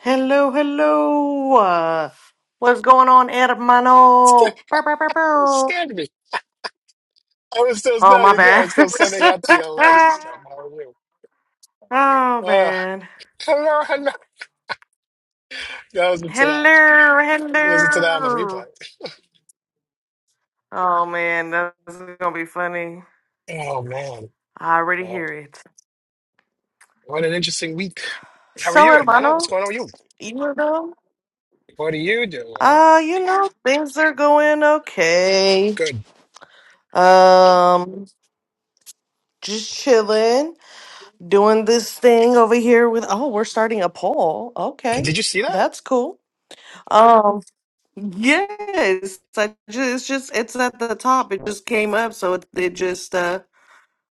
Hello, hello. Uh, what's going on, hermano? Bow, bow, bow, You bow. scared me. I was still Oh, no, my you're good. bad. I'm still sending out the alerts. How are you? oh, Uh, man. hello, hello. Yeah, listen to that. Hello, Listen to that on the replay. hello. Oh, man, that's going to be funny. Oh man, I already Oh, hear it. what an interesting week. How are So, you, Edmana? What's hermano, going on with you? you know? What are you doing? Uh, you know, things are going okay. Good. Um, just chilling. doing this thing over here with oh we're starting a poll okay Did you see that? that's cool um yes I just it's just it's at the top it just came up so it, it just uh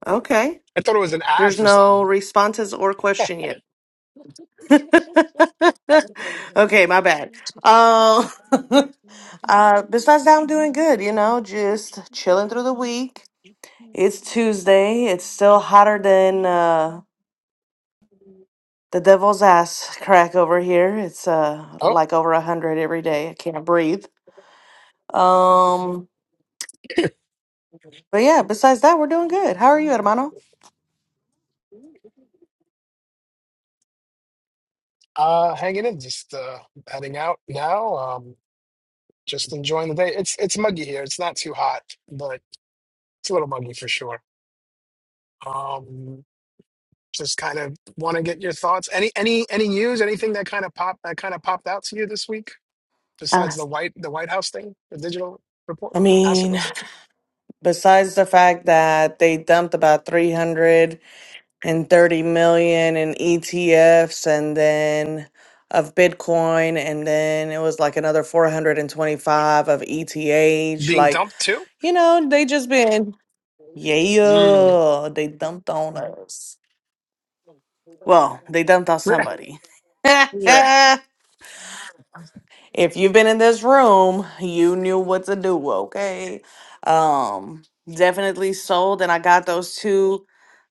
okay I thought it was an ad there's for no something. responses or question yet okay my bad uh, uh besides that i'm doing good you know just chilling through the week it's tuesday it's still hotter than uh the devil's ass crack over here. It's uh like over a hundred every day. I can't breathe. Um, but yeah, besides that, we're doing good. How are you, Oh, hermano? Uh, hanging in, just uh, heading out now. Um, just enjoying the day. It's it's muggy here. It's not too hot, but it's a little muggy for sure. Um, just kind of want to get your thoughts. Any any any news? Anything that kind of popped that kind of popped out to you this week besides Uh, the white the White House thing, the digital report, I asset mean, report besides the fact that they dumped about 330 million in ETFs and then of Bitcoin, and then it was like another 425 of ETH, being like, dumped too? you know, they just been, Mm. yeah, they dumped on us. Well, they dumped on somebody. Yeah, if you've been in this room, you knew what to do, okay? Um, definitely sold and I got those two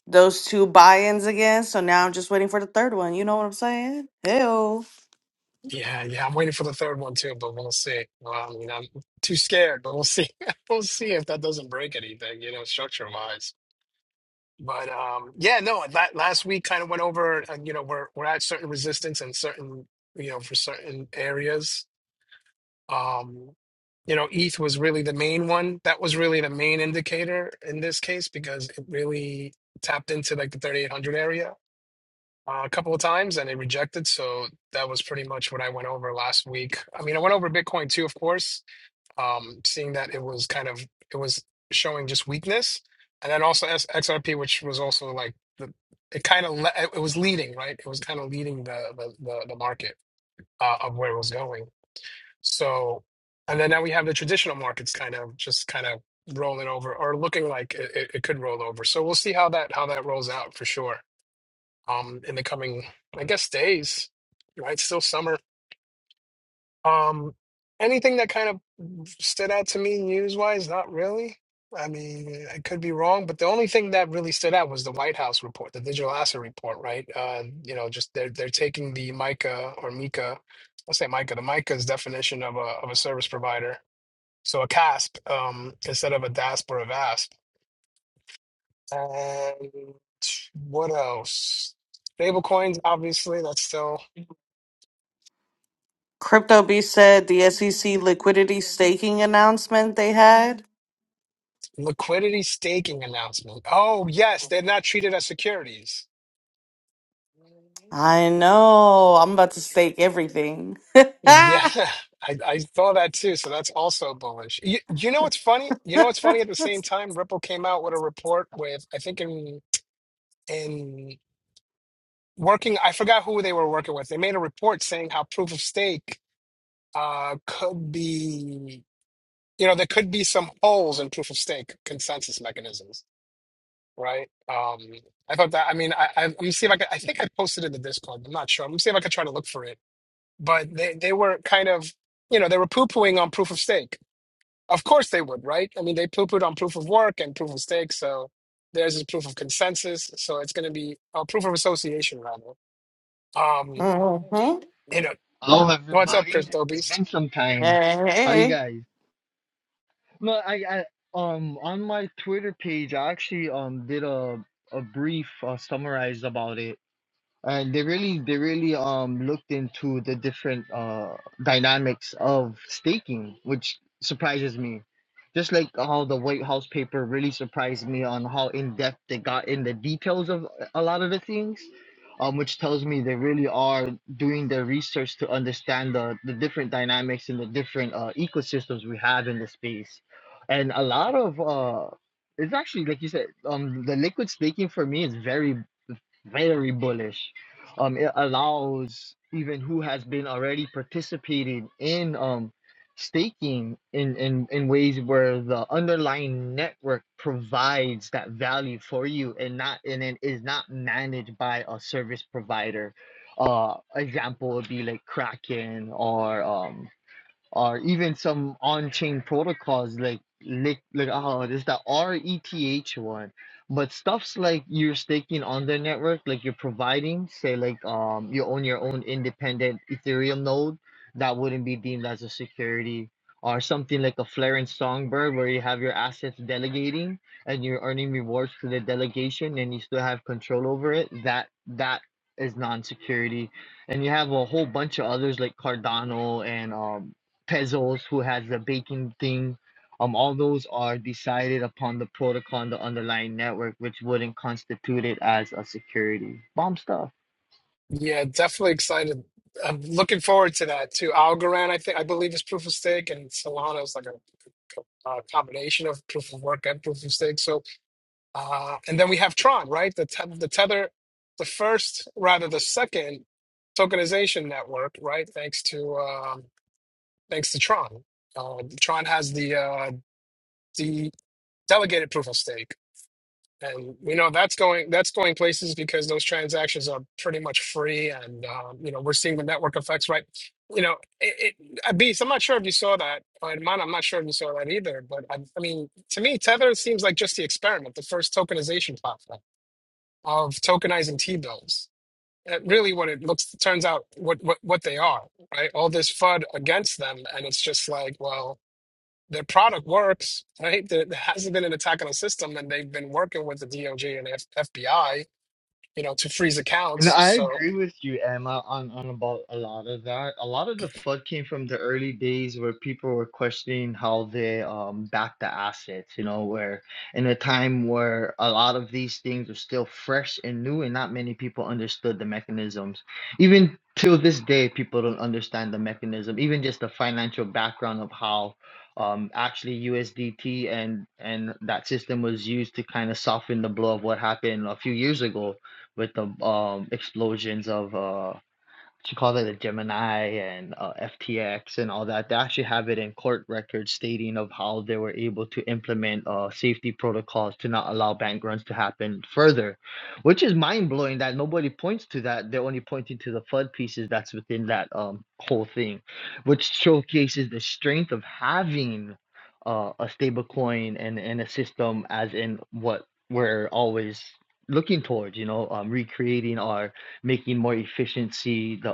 those two buy-ins again. So now I'm just waiting for the third one. You know what I'm saying? Ew. Yeah, yeah, I'm waiting for the third one too, but we'll see. Well, I mean, I'm too scared, but we'll see. We'll see if that doesn't break anything, you know, structure-wise. But um, yeah, no, that last week kind of went over, uh, you know, we're we're at certain resistance and certain, you know, for certain areas. Um, you know, ETH was really the main one. That was really the main indicator in this case because it really tapped into like the 3800 area uh, a couple of times and it rejected. So that was pretty much what I went over last week. I mean, I went over Bitcoin too, of course, um, seeing that it was kind of it was showing just weakness, and then also S- XRP, which was also like the it kind of le- it was leading right. It was kind of leading the the the, the market uh, of where it was going. So, and then now we have the traditional markets kind of just kind of rolling over or looking like it, it it could roll over. So we'll see how that how that rolls out for sure um in the coming I guess days, right? Still summer. Um anything that kind of stood out to me news wise? Not really. I mean, I could be wrong, but the only thing that really stood out was the White House report, the digital asset report, right? Uh, you know, just they're they're taking the MICA or MICA, I'll say MICA, the MICA's definition of a of a service provider. So a CASP um, instead of a DASP or a VASP. And what else? Stablecoins, obviously, that's still Crypto Beast said the SEC liquidity staking announcement they had. Liquidity staking announcement. Oh, yes, they're not treated as securities. I know. I'm about to stake everything. Yeah, I, I saw that too. So that's also bullish. You, you know what's funny? You know what's funny? At the same time, Ripple came out with a report with, I think in in working, I forgot who they were working with. They made a report saying how proof of stake uh could be, you know, there could be some holes in proof of stake consensus mechanisms. right? Um, I thought that. I mean, I, I let me see if I could, I think I posted it in the Discord. I'm not sure. Let me see if I could try to look for it. But they they were kind of, you know, they were poo pooing on proof of stake. Of course they would, right? I mean, they poo pooed on proof of work and proof of stake. So there's this proof of consensus. So it's gonna be uh, proof of association rather. Um, hmm you know, Hello, what's up, everybody. Crypto It's Beast? been some time. Hey, How you hey. guys? No, I, I um on my Twitter page, I actually um did a a brief uh, summarize about it and they really they really um looked into the different uh dynamics of staking which surprises me just like how the white house paper really surprised me on how in-depth they got in the details of a lot of the things um which tells me they really are doing their research to understand the the different dynamics and the different uh ecosystems we have in the space and a lot of uh it's actually like you said um the liquid staking for me is very very bullish. Um, it allows even who has been already participating in um staking in in in ways where the underlying network provides that value for you and not and it is not managed by a service provider. Uh, example would be like Kraken or um or even some on-chain protocols like like like oh there's that RETH one. But stuffs like you're staking on their network, like you're providing, say like um you own your own independent Ethereum node, that wouldn't be deemed as a security. Or something like a flare and songbird where you have your assets delegating and you're earning rewards to the delegation and you still have control over it, that that is non-security. And you have a whole bunch of others like Cardano and um Pezos, who has the baking thing. Um, all those are decided upon the protocol on the underlying network, which wouldn't constitute it as a security. Bomb stuff. Yeah, definitely excited. I'm looking forward to that too. Algorand, I think, I believe is proof of stake, and Solana is like a, a combination of proof of work and proof of stake. So, uh, and then we have Tron, right? The te the Tether, the first, rather the second tokenization network, right? Thanks to um, thanks to Tron. Uh, Tron has the uh, the delegated proof of stake and we know that's going that's going places because those transactions are pretty much free and um, you know we're seeing the network effects right you know it, it uh, beast i'm not sure if you saw that and mine i'm not sure if you saw that either but I, I mean to me tether seems like just the experiment the first tokenization platform of tokenizing t-bills that really what it looks turns out what, what what they are right all this fud against them and it's just like well their product works, right? There, there hasn't been an attack on the system, and they've been working with the DOJ and F FBI, you know, to freeze And accounts. I So agree with you, Emma, on, on about a lot of that. A lot of the flood came from the early days where people were questioning how they um back the assets, you know, where in a time where a lot of these things were still fresh and new and not many people understood the mechanisms. Even till this day, people don't understand the mechanism, even just the financial background of how um actually USDT and and that system was used to kind of soften the blow of what happened a few years ago with the um explosions of uh she called it a Gemini and uh, FTX and all that. They actually have it in court records stating of how they were able to implement uh, safety protocols to not allow bank runs to happen further, which is mind blowing that nobody points to that. They're only pointing to the FUD pieces that's within that um, whole thing, which showcases the strength of having uh, a stable coin and, and a system as in what we're always looking towards, you know, um, recreating our making more efficiency the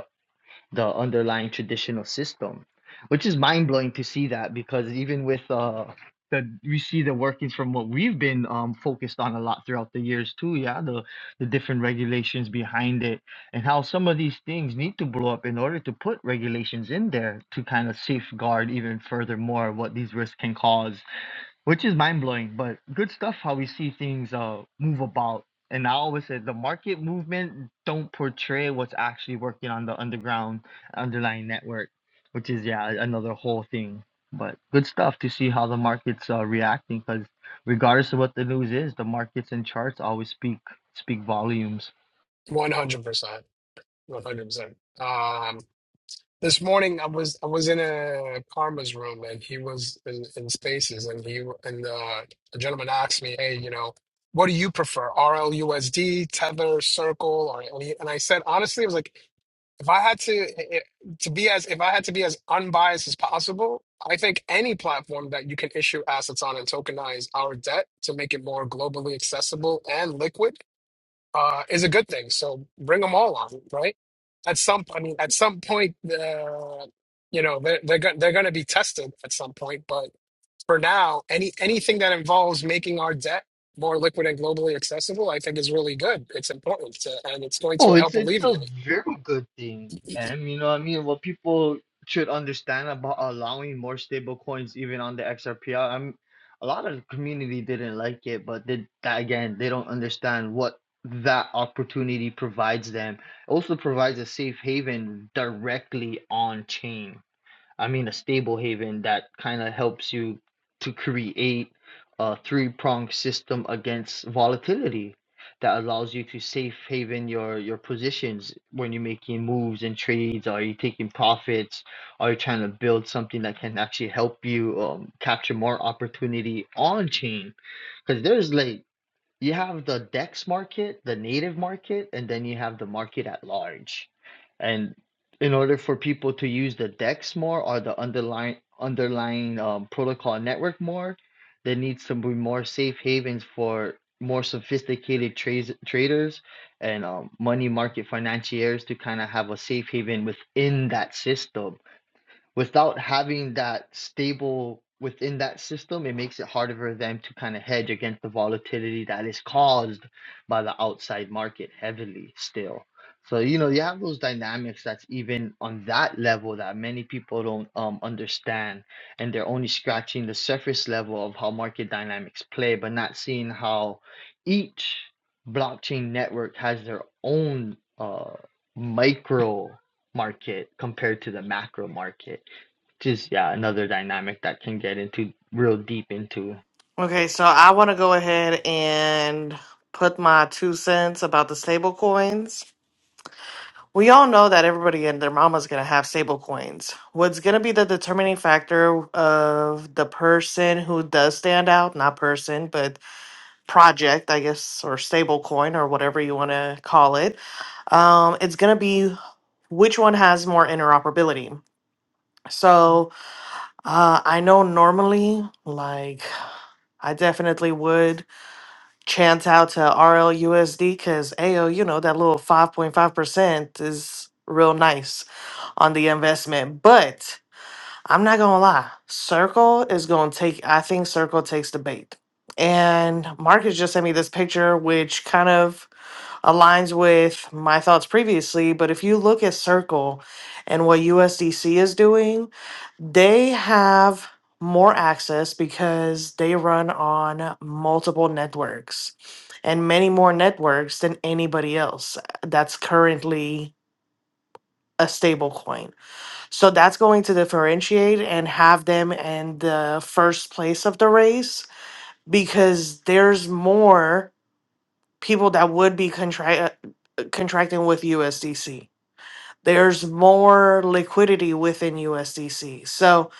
the underlying traditional system, which is mind blowing to see that because even with uh the we see the workings from what we've been um focused on a lot throughout the years too, yeah, the the different regulations behind it and how some of these things need to blow up in order to put regulations in there to kind of safeguard even furthermore what these risks can cause which is mind blowing, but good stuff how we see things uh move about. And I always said the market movement don't portray what's actually working on the underground underlying network, which is yeah another whole thing. But good stuff to see how the markets are reacting because regardless of what the news is, the markets and charts always speak speak volumes. 100%, 100%. Um, this morning I was I was in a Karma's room, and he was in, in Spaces, and he and uh, the gentleman asked me, hey, you know, what do you prefer, RLUSD, Tether, Circle, or and I said honestly, I was like. if I had to it, to be as if I had to be as unbiased as possible, I think any platform that you can issue assets on and tokenize our debt to make it more globally accessible and liquid uh, is a good thing. So bring them all on, right? At some, I mean, at some point, uh, you know, they're they're, go- they're going to be tested at some point. But for now, any anything that involves making our debt more liquid and globally accessible, I think is really good. It's important to, and it's going to Oh, it's help it's a alleviate. very good thing, and you know what I mean. What people should understand about allowing more stable coins even on the XRP. I- am a lot of the community didn't like it, but they, that again, they don't understand what that opportunity provides them. It also provides a safe haven directly on chain. I mean a stable haven that kind of helps you to create a three-pronged system against volatility that allows you to safe haven your your positions when you're making moves and trades. Are you taking profits? Are you trying to build something that can actually help you um, capture more opportunity on chain? Because there's like you have the DEX market, the native market, and then you have the market at large. And in order for people to use the DEX more or the underlying underlying um, protocol network more, there needs to be more safe havens for more sophisticated trades, traders and um, money market financiers to kind of have a safe haven within that system without having that stable within that system, it makes it harder for them to kind of hedge against the volatility that is caused by the outside market heavily still. So, you know, you have those dynamics that's even on that level that many people don't um, understand. And they're only scratching the surface level of how market dynamics play, but not seeing how each blockchain network has their own uh, micro market compared to the macro market just yeah another dynamic that can get into real deep into Okay, so I want to go ahead and put my two cents about the stable coins. We all know that everybody and their mama's going to have stable coins. What's going to be the determining factor of the person who does stand out, not person, but project, I guess, or stable coin or whatever you want to call it, um, it's going to be which one has more interoperability. So uh, I know normally, like, I definitely would. chance out to RLUSD because ayo, you know, that little 5.5% is real nice on the investment. But I'm not gonna lie, Circle is gonna take, I think Circle takes the bait. And Marcus just sent me this picture, which kind of aligns with my thoughts previously, but if you look at Circle and what USDC is doing, they have more access because they run on multiple networks and many more networks than anybody else that's currently a stable coin. So that's going to differentiate and have them in the first place of the race because there's more people that would be contra- contracting with USDC. There's more liquidity within USDC. So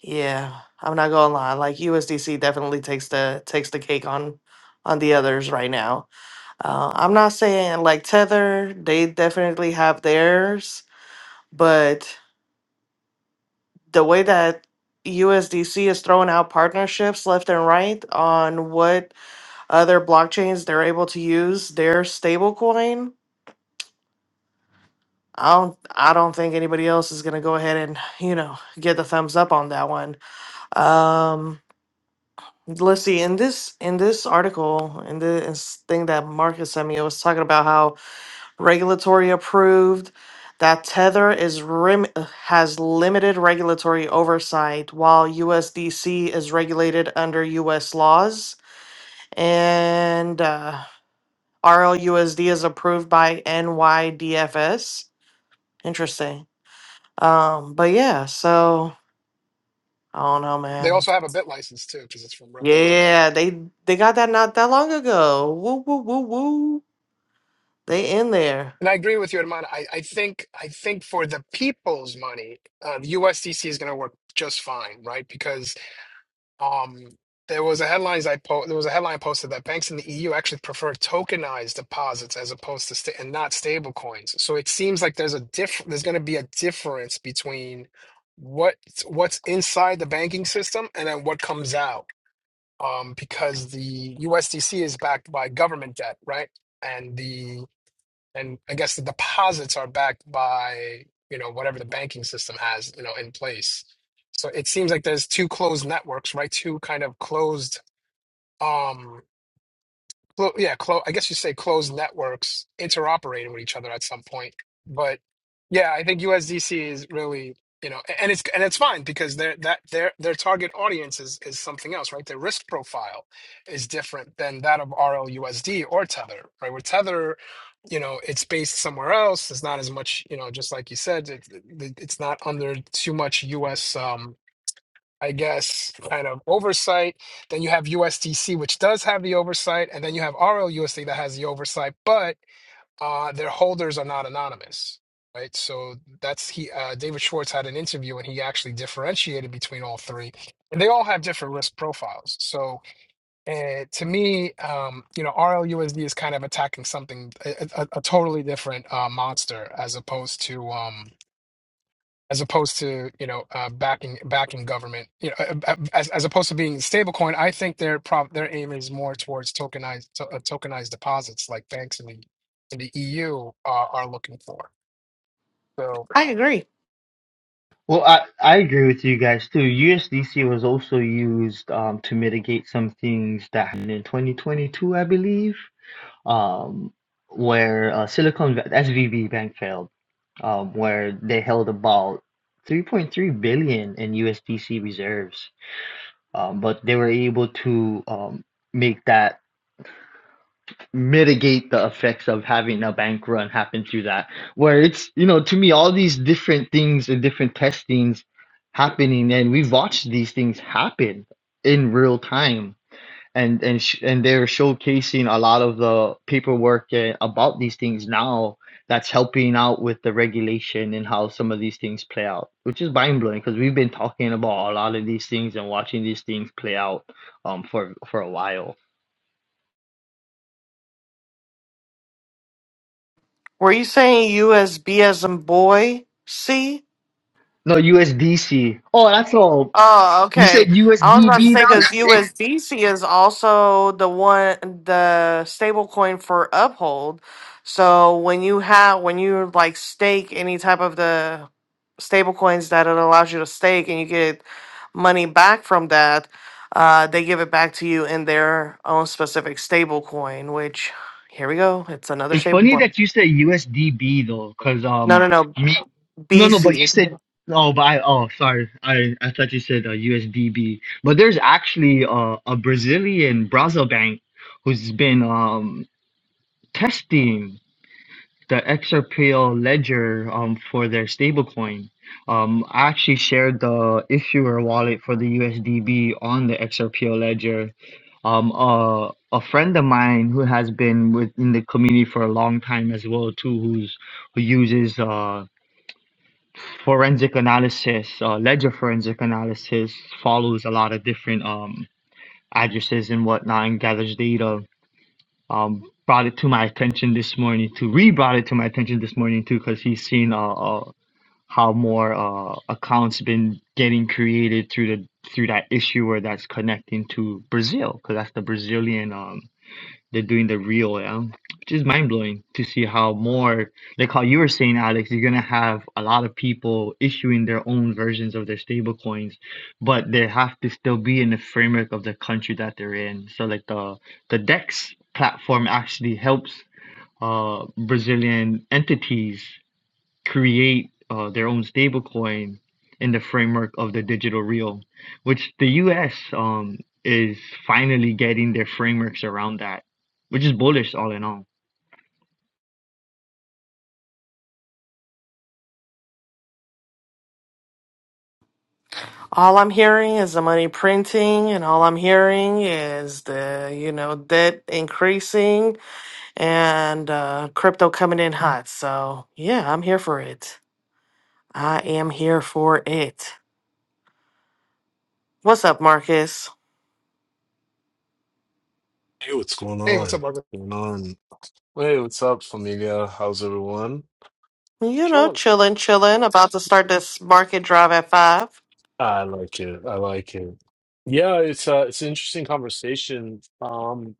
yeah, I'm not gonna lie. Like USDC definitely takes the takes the cake on on the others right now. Uh, I'm not saying like Tether, they definitely have theirs, but the way that USDC is throwing out partnerships left and right on what other blockchains they're able to use their stablecoin I don't I don't think anybody else is gonna go ahead and, you know, get the thumbs up on that one. Um let's see, in this in this article, in this thing that Marcus sent me, it was talking about how regulatory approved that Tether is rim has limited regulatory oversight while USDC is regulated under US laws and uh RLUSD is approved by NYDFS. Interesting. Um, but yeah, so I don't know, They man. also have a bit license too because it's from Ripple. Yeah, they they got that not that long ago. Woo woo woo woo. They in there. And I agree with you, Herman. I, I think I think for the people's money, uh, the USDC is going to work just fine, right? Because um, there was a headlines I po- there was a headline posted that banks in the EU actually prefer tokenized deposits as opposed to sta- and not stable coins. So it seems like there's a diff- there's going to be a difference between what what's what's inside the banking system and then what comes out um, because the USDC is backed by government debt, right? And the and I guess the deposits are backed by you know whatever the banking system has you know in place. So it seems like there's two closed networks, right? Two kind of closed. um, Clo yeah, clo I guess you say closed networks interoperating with each other at some point. But yeah, I think USDC is really, you know, a- and it's and it's fine because their that their their target audience is is something else, right? Their risk profile is different than that of RLUSD or Tether, right? With Tether, you know, it's based somewhere else. There's not as much, you know, just like you said, it, it, it's not under too much US. I guess, kind of oversight. Then you have USDC, which does have the oversight, and then you have RLUSD that has the oversight, but uh, their holders are not anonymous, right? So that's he. Uh, David Schwartz had an interview, and he actually differentiated between all three, and they all have different risk profiles. So uh, to me, um, you know, RLUSD is kind of attacking something a, a, a totally different uh, monster as opposed to. Um, as opposed to you know uh, backing backing government you know uh, uh, uh, as, as opposed to being stablecoin i think their prop their aim is more towards tokenized to, uh, tokenized deposits like banks in the in the eu are, are looking for so I agree. well i i agree with you guys too usdc was also used um to mitigate some things that happened in 2022 i believe um where uh, silicon Va- svb bank failed um where they held about 3.3 billion in usdc reserves um but they were able to um make that mitigate the effects of having a bank run happen through that where it's you know to me all these different things and different testings happening and we've watched these things happen in real time and and sh- and they're showcasing a lot of the paperwork uh, about these things now that's helping out with the regulation and how some of these things play out which is mind blowing because we've been talking about a lot of these things and watching these things play out um for for a while Were you saying USB as in boy? C? no USDC. Oh, that's all Oh, You said okay. I was about to USDB say though. because That's it. USDC is also the one the stable coin for Uphold. So when you have when you like stake any type of the stable coins that it allows you to stake and you get money back from that, uh, they give it back to you in their own specific stable coin, which here we go. It's another It's stable funny coin. that you said USDB though, cause No, no, um no. me. No, no, but you BC. said oh, but I oh sorry, I I thought you said uh, USDB. But there's actually uh, a Brazilian Brazil bank who's been um testing the XRPL ledger um for their stablecoin. Um, I actually shared the issuer wallet for the USDB on the XRPL ledger um uh, a friend of mine who has been within the community for a long time as well too who's who uses uh forensic analysis uh, ledger forensic analysis follows a lot of different um addresses and whatnot and gathers data um brought it to my attention this morning to re brought it to my attention this morning too because he's seen uh, uh how more uh accounts been getting created through the through that issuer that's connecting to Brazil because that's the Brazilian um they're doing the real um which is mind blowing to see how more like how you were saying Alex you're gonna have a lot of people issuing their own versions of their stable coins but they have to still be in the framework of the country that they're in so like the the DEX platform actually helps uh Brazilian entities create uh, their own stablecoin in the framework of the digital real, which the US um, is finally getting their frameworks around that, which is bullish all in all. All I'm hearing is the money printing, and all I'm hearing is the, you know, debt increasing and uh, crypto coming in hot. So, yeah, I'm here for it. I am here for it. What's up, Marcus? Hey, what's going hey what's on? up What's margaret going on? Hey, what's up, familia? How's everyone? You know, chilling chilling, chilling, about to start this market drive at five. I like it. I like it. Yeah, it's uh, it's an interesting conversation. Um,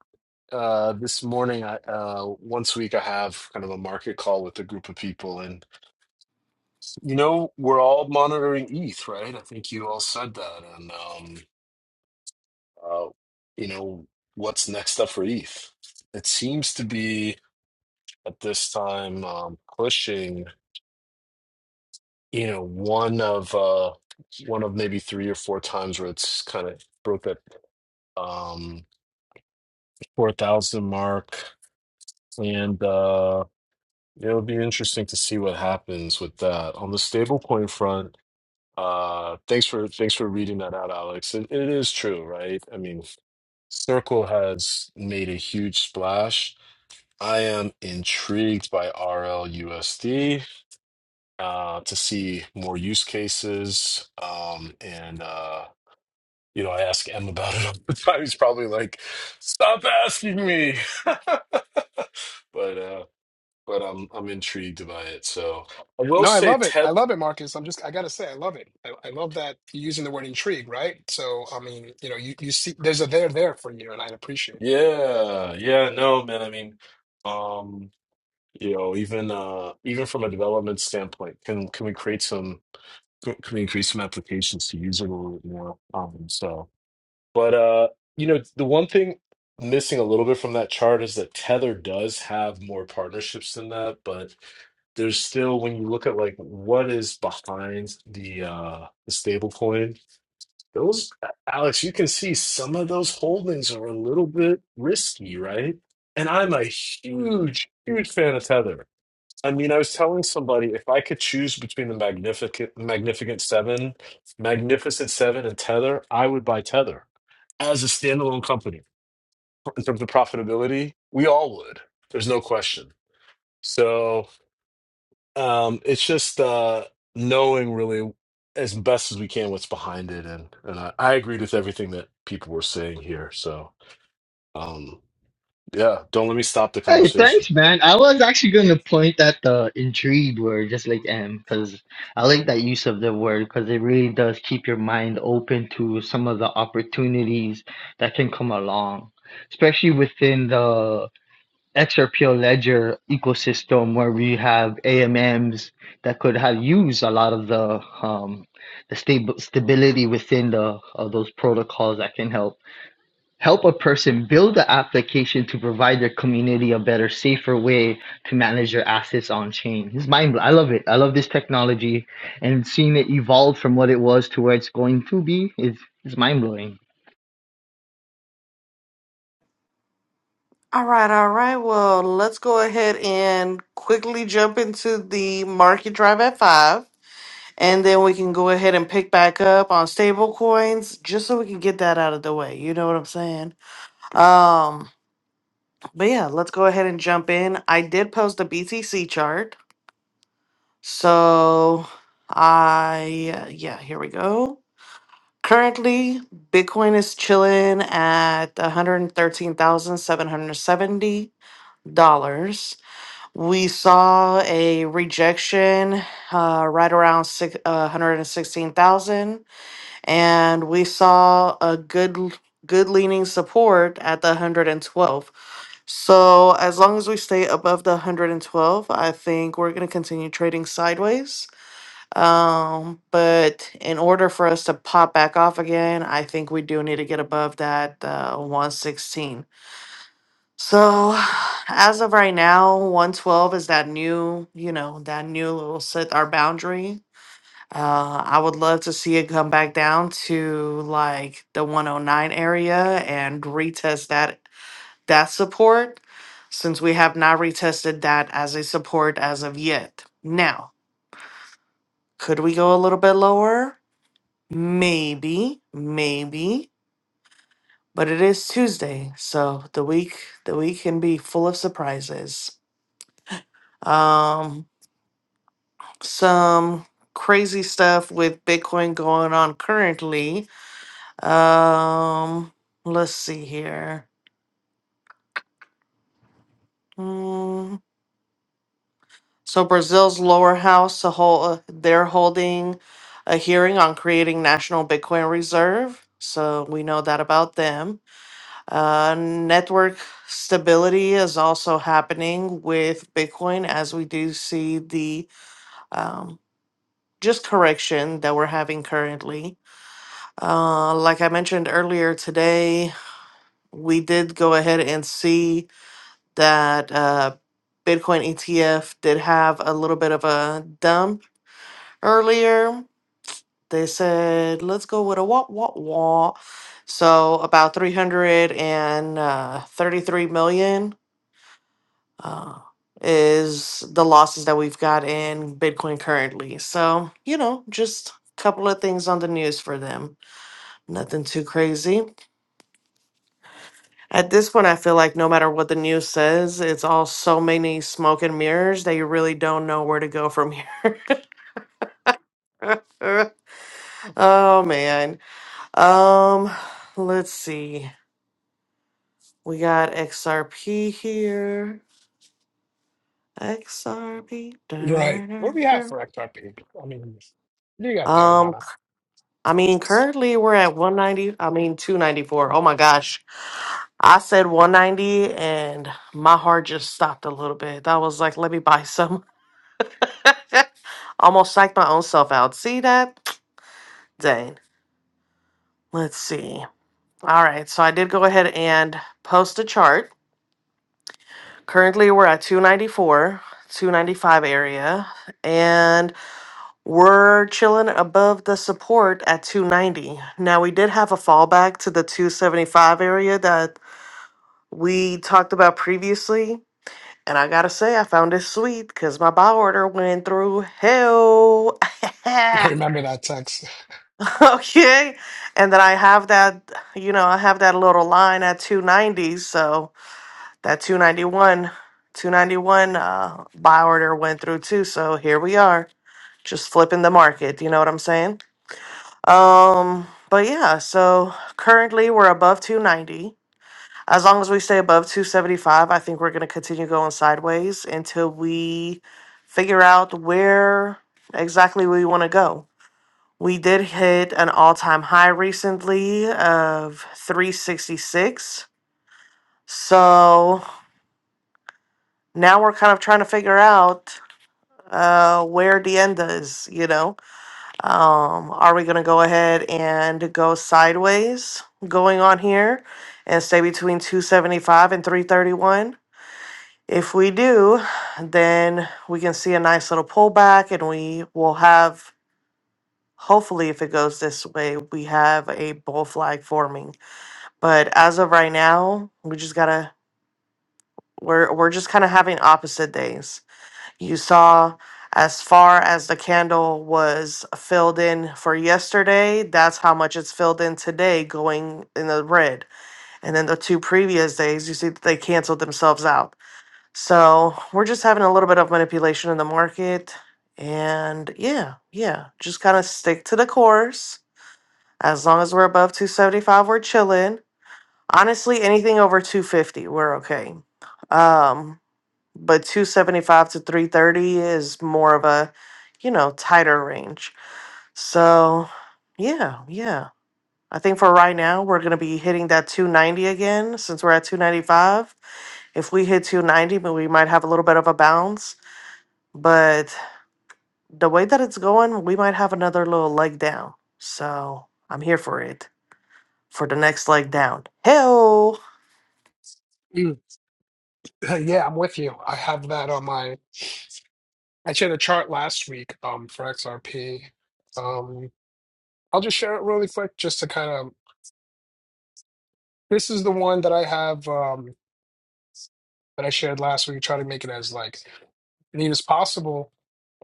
uh, this morning, I uh, once a week, I have kind of a market call with a group of people, and you know, we're all monitoring ETH, right? I think you all said that, and um, uh, you know, what's next up for ETH? It seems to be at this time um, pushing. you know, one of uh one of maybe three or four times where it's kind of broke that um four thousand mark. And uh it'll be interesting to see what happens with that. On the stablecoin front, uh thanks for thanks for reading that out, Alex. It, it is true, right? I mean, Circle has made a huge splash. I am intrigued by RLUSD uh, to see more use cases um, and Uh, You know, I ask M about it all the time. He's probably like, "Stop asking me." But uh, but I'm I'm intrigued by it. So I will no i say love it i Teth. love it marcus i'm just i gotta say i love it i, I love that you're using the word intrigue right so i mean you know you, you see there's a there there for you and i appreciate that Yeah, yeah. No, man. I mean, um, you know, even uh, even from a development standpoint, can can we create some? Can we create some applications to use it a little bit more? Um, so. But uh, you know, the one thing missing a little bit from that chart is that Tether does have more partnerships than that, but there's still when you look at like what is behind the uh the stable coin, those Alex, you can see some of those holdings are a little bit risky, right? And I'm a huge, huge fan of Tether. I mean, I was telling somebody if I could choose between the Magnificent Magnificent Seven, Magnificent Seven and Tether, I would buy Tether as a standalone company in terms of profitability we all would there's no question so um it's just uh knowing really as best as we can what's behind it and and i, I agreed with everything that people were saying here so um yeah don't let me stop the Hey, conversation thanks, man. I was actually going to point at the intrigued word, just like M, because I like that use of the word because it really does keep your mind open to some of the opportunities that can come along, especially within the XRPL Ledger ecosystem where we have AMMs that could have used a lot of the um, the stable stability within the of those protocols that can help help a person build the application to provide their community a better, safer way to manage their assets on chain. It's mind bl- I love it. I love this technology and seeing it evolve from what it was to where it's going to be is is mind blowing. All right, all right. Well, let's go ahead and quickly jump into the market drive at five. And then we can go ahead and pick back up on stable coins just so we can get that out of the way. You know what I'm saying? Um, but yeah, let's go ahead and jump in. I did post a BTC chart. So I yeah, here we go. Currently, Bitcoin is chilling at $113,770. We saw a rejection uh, right around six, uh, 116,000. and we saw a good good leaning support at the 112 so as long as we stay above the 112 i think we're going to continue trading sideways um but in order for us to pop back off again i think we do need to get above that uh, 116 so as of right now 112 is that new you know that new little set our boundary uh, I would love to see it come back down to like the 109 area and retest that that support since we have not retested that as a support as of yet. Now, could we go a little bit lower? Maybe, maybe, but it is Tuesday, so the week the week can be full of surprises. Um some crazy stuff with Bitcoin going on currently Um, let's see here. Mm, so Brazil's lower house to hold, they're holding a hearing on creating national Bitcoin reserve. So we know that about them. Uh, network stability is also happening with Bitcoin as we do see the um, just correction that we're having currently. Uh, like I mentioned earlier today, we did go ahead and see that uh, Bitcoin ETF did have a little bit of a dump earlier. They said, let's go with a wah, wah, wah. So about 333 million uh, is the losses that we've got in Bitcoin currently. So, you know, just a couple of things on the news for them. Nothing too crazy. At this point, I feel like no matter what the news says, it's all so many smoke and mirrors that you really don't know where to go from here. oh man. Um, let's see. We got XRP here. XRP. Right. what do we have Dun-dun-dun-dun-dun. for xrp i mean you got there Um, mana I mean, currently we're at 190, I mean 294. Oh my gosh. I said 190 and my heart just stopped a little bit. That was like, let me buy some. Almost psyched my own self out. See that? Dang. Let's see. All right, so I did go ahead and post a chart. Currently, we're at 294, 295 area, and we're chilling above the support at 290. Now, we did have a fallback to the 275 area that we talked about previously. And I gotta say, I found it sweet because my buy order went through hell. i remember that text Okay. And then I have that, you know, I have that little line at 290. So that 291, 291 uh, buy order went through too. So here we are, just flipping the market. You know what I'm saying? Um, but yeah, so currently we're above 290. As long as we stay above 275, I think we're going to continue going sideways until we figure out where exactly we want to go we did hit an all time high recently of 366. So now we're kind of trying to figure out uh, where the end is, you know? Um, are we going to go ahead and go sideways going on here and stay between 275 and 331? If we do, then we can see a nice little pullback and we will have, hopefully, if it goes this way, we have a bull flag forming but as of right now we just gotta we're we're just kind of having opposite days you saw as far as the candle was filled in for yesterday that's how much it's filled in today going in the red and then the two previous days you see that they canceled themselves out so we're just having a little bit of manipulation in the market and yeah yeah just kind of stick to the course as long as we're above 275 we're chilling Honestly, anything over 250, we're okay. Um, but 275 to 330 is more of a, you know, tighter range. So, yeah, yeah. I think for right now, we're going to be hitting that 290 again since we're at 295. If we hit 290, but we might have a little bit of a bounce. But the way that it's going, we might have another little leg down. So, I'm here for it for the next leg down. Hell. Hey, Yeah, I'm with you. I have that on my. I shared a chart last week um, for XRP. Um, I'll just share it really quick, just to kind of. This is the one that I have um, that I shared last week. Try to make it as like neat as possible,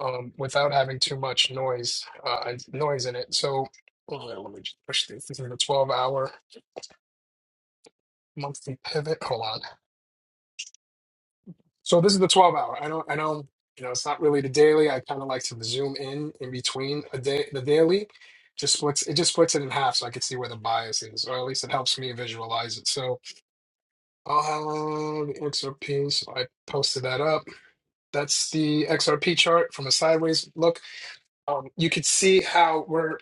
um, without having too much noise uh, and noise in it. So hold on, let me just push this. This is a 12 hour monthly pivot. Hold on. So this is the 12 hour. I don't, I don't, you know, it's not really the daily. I kind of like to zoom in in between a day, the daily. Just splits it just splits it in half so I can see where the bias is, or at least it helps me visualize it. So I'll have the XRP. So I posted that up. That's the XRP chart from a sideways look. Um, you could see how we're,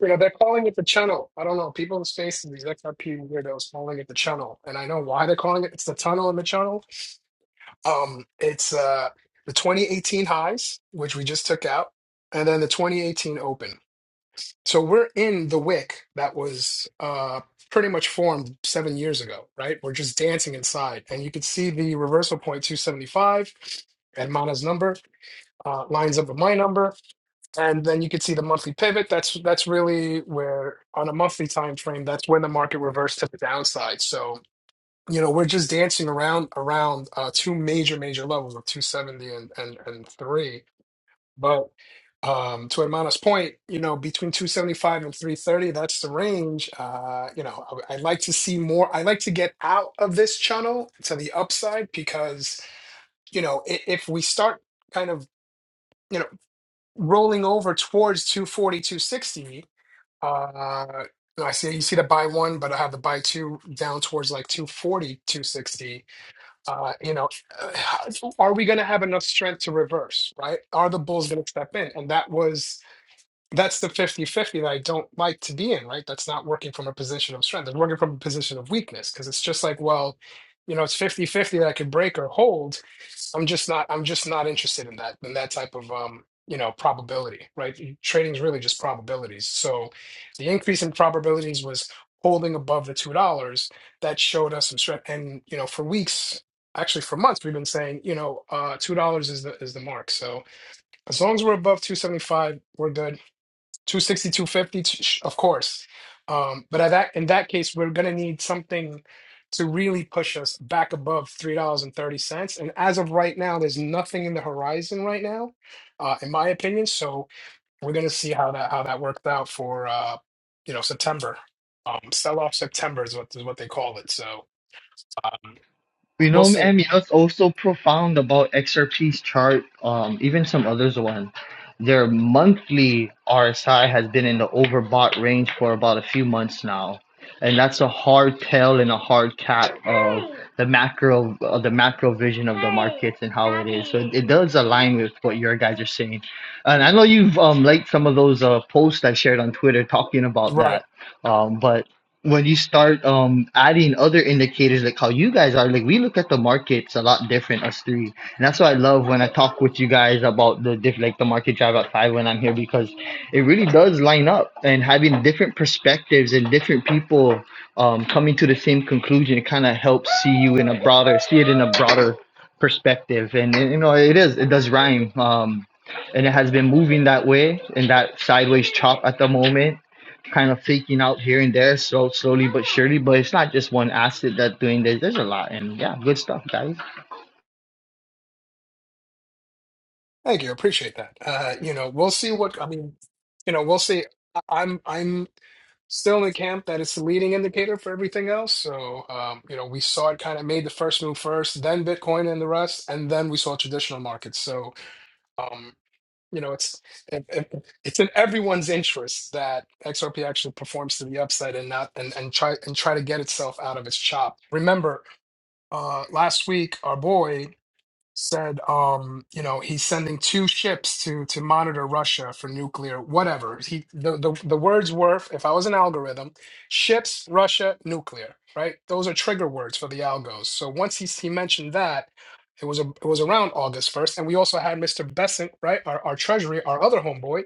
you know, they're calling it the channel. I don't know. People in space, these XRP weirdos calling it the channel. And I know why they're calling it. It's the tunnel in the channel um, it's uh, the 2018 highs, which we just took out, and then the 2018 open. So we're in the wick that was uh, pretty much formed seven years ago, right? We're just dancing inside, and you can see the reversal point 275 and Mana's number uh, lines up with my number, and then you can see the monthly pivot. That's that's really where on a monthly time frame, that's when the market reversed to the downside. So you know, we're just dancing around around uh, two major major levels of 270 and and, and three. But um, to Hermana's point, you know, between 275 and 330, that's the range. Uh, you know, I, I like to see more. I like to get out of this channel to the upside because you know if, if we start kind of you know rolling over towards 240, 260. Uh, I see you see the buy one, but I have the buy two down towards like 240, 260 uh, you know, uh, are we going to have enough strength to reverse, right? Are the Bulls going to step in? And that was, that's the fifty-fifty that I don't like to be in, right? That's not working from a position of strength. It's working from a position of weakness because it's just like, well, you know, it's fifty-fifty that I could break or hold I'm just not I'm just not interested in that in that type of um you know probability, right? Trading is really just probabilities. So the increase in probabilities was holding above the two dollars. That showed us some strength, and you know for weeks, actually for months, we've been saying you know uh, two dollars is the is the mark. So as long as we're above two seventy five, we're good Two sixty, two fifty, sh- of course. Um, but at that, in that case, we're going to need something to really push us back above $3.30. And thirty cents. And as of right now, there's nothing in the horizon right now, uh, in my opinion. So we're going to see how that how that worked out for uh, you know September. Um, sell off September is what is what they call it. So um, You we'll know, see. man, you know, it's also profound about XRP's chart, um, even some others one. Their monthly RSI has been in the overbought range for about a few months now. And that's a hard tail and a hard cap of the macro of the macro vision of the markets and how it is. So it, it does align with what your guys are saying. And I know you've um, liked some of those uh, posts I shared on Twitter talking about Right. that. Um, but when you start um adding other indicators like how you guys are like we look at the markets a lot different us three and that's what i love when i talk with you guys about the diff like the market drive at five when i'm here because it really does line up and having different perspectives and different people um coming to the same conclusion it kind of helps see you in a broader see it in a broader perspective and, and you know it is it does rhyme um and it has been moving that way in that sideways chop at the moment kind of faking out here and there, so slowly but surely. But it's not just one asset that's doing this. There's a lot, and yeah, good stuff, guys. Thank you. Appreciate that. Uh, you know, we'll see what I mean. You know, we'll see. I- I'm I'm still in the camp that it's the leading indicator for everything else. So, um, you know, we saw it kind of made the first move first, then Bitcoin and the rest, and then we saw traditional markets. So, um, you know, it's it, it- it's in everyone's interest that XRP actually performs to the upside and not and and try and try to get itself out of its chop. Remember, uh, last week our boy said um you know he's sending two ships to to monitor Russia for nuclear whatever he the the, the words were if I was an algorithm ships Russia nuclear right those are trigger words for the algos so once he he mentioned that it was a, it was around August 1st and we also had Mr. Besant right our, our treasury our other homeboy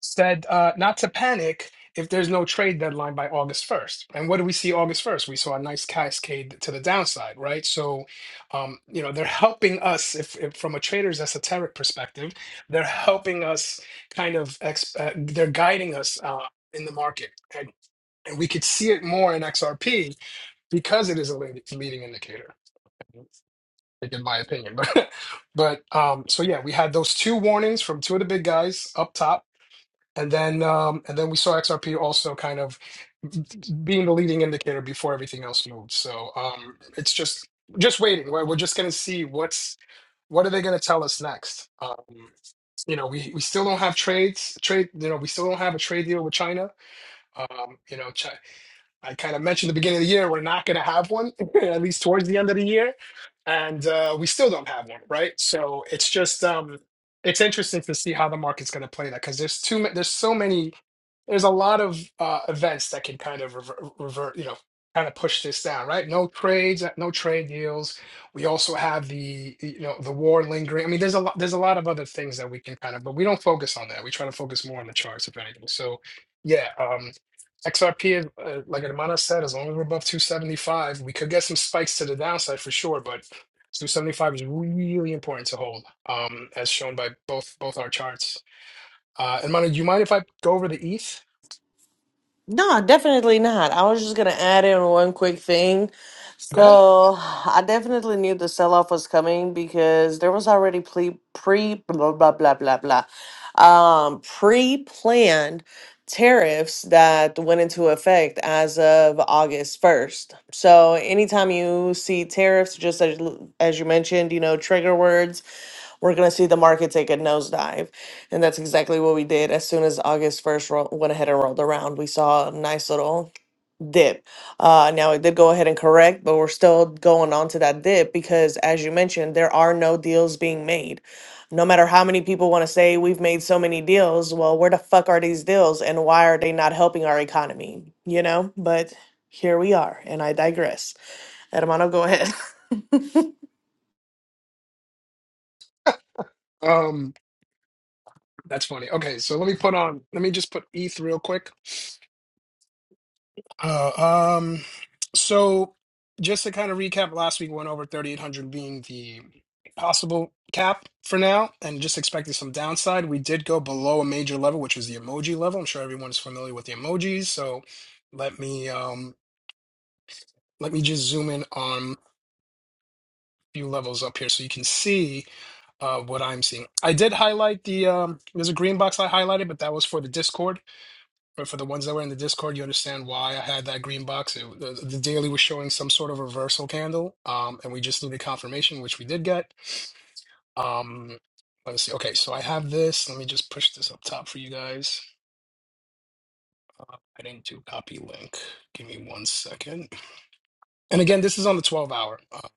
said uh, not to panic if there's no trade deadline by August 1st. And what do we see August 1st? We saw a nice cascade to the downside, right? So, um, you know, they're helping us if, if from a trader's esoteric perspective, they're helping us kind of ex- uh, they're guiding us uh, in the market. And, and we could see it more in XRP because it is a lead- leading indicator. In my opinion, but but um, so yeah, we had those two warnings from two of the big guys up top and then um, and then we saw XRP also kind of being the leading indicator before everything else moved. So um, it's just just waiting. We're, we're just going to see what's what are they going to tell us next. Um, you know, we, we still don't have trades trade. You know, we still don't have a trade deal with China. Um, you know, Chi I kind of mentioned at the beginning of the year we're not going to have one at least towards the end of the year, and uh, we still don't have one, right? So it's just um, it's interesting to see how the market's going to play that because there's too ma- there's so many there's a lot of uh, events that can kind of revert, revert, you know, kind of push this down, right? No trades, uh, no trade deals. We also have the, you know, the war lingering. I mean, there's a lot, there's a lot of other things that we can kind of, but we don't focus on that. We try to focus more on the charts, if anything. So, yeah, um, XRP, uh, like Hermana said, as long as we're above 275, we could get some spikes to the downside for sure, but 275 is really important to hold, um, as shown by both both our charts. Uh, and Manu, do you mind if I go over the ETH? No, definitely not. I was just gonna add in one quick thing. Go ahead. So I definitely knew the sell off was coming because there was already pre pre blah blah blah blah blah um pre planned tariffs that went into effect as of August 1st. So anytime you see tariffs, just as, as you mentioned, you know, trigger words we're going to see the market take a nosedive. And that's exactly what we did. As soon as August 1st ro- went ahead and rolled around, we saw a nice little dip. Uh, now, it did go ahead and correct, but we're still going on to that dip because, as you mentioned, there are no deals being made. No matter how many people want to say we've made so many deals, well, where the fuck are these deals and why are they not helping our economy? You know, but here we are, and I digress. Hermano, go ahead. Um, that's funny. Okay, so let me put on. Let me just put ETH real quick. Uh, um, so just to kind of recap, last week we went over 3,800 being the possible cap for now, and just expecting some downside. We did go below a major level, which was the emoji level. I'm sure everyone's familiar with the emojis, so let me um Let me just zoom in on a few levels up here so you can see uh, what I'm seeing. I did highlight the, um, there's a green box I highlighted, but that was for the Discord. But for the ones that were in the Discord, you understand why I had that green box. It, the, the daily was showing some sort of reversal candle, um, and we just needed confirmation, which we did get. Um, let's see. Okay, so I have this. Let me just push this up top for you guys. Uh, I didn't do copy link. Give me one second. And again, this is on the 12 hour. Uh,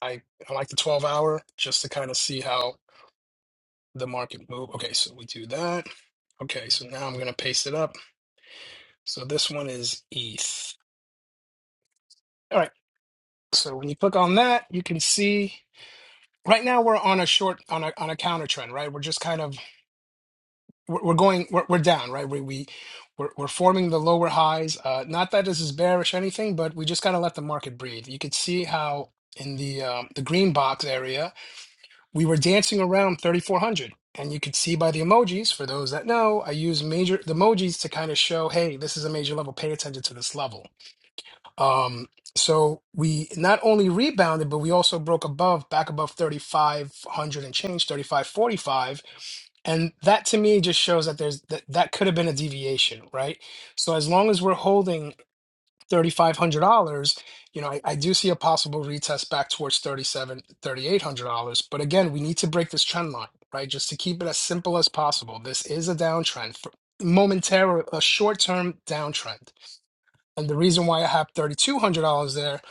I, I like the 12 hour just to kind of see how the market move. Okay, so we do that. Okay, so now I'm going to paste it up. So this one is ETH. All right. So when you click on that, you can see right now we're on a short on a on a counter trend, right? We're just kind of we're, we're going we're, we're down, right? We we we're, we're forming the lower highs. Uh, not that this is bearish or anything, but we just kind of let the market breathe. You could see how in the um, the green box area we were dancing around 3400 and you could see by the emojis for those that know i use major the emojis to kind of show hey this is a major level pay attention to this level um so we not only rebounded but we also broke above back above 3500 and change 3545 and that to me just shows that there's that that could have been a deviation right so as long as we're holding $3,500, you know, I, I do see a possible retest back towards thirty-seven, thirty-eight hundred dollars dollars But again, we need to break this trend line, right? Just to keep it as simple as possible. This is a downtrend, for momentary, a short term downtrend. And the reason why I have $3,200 there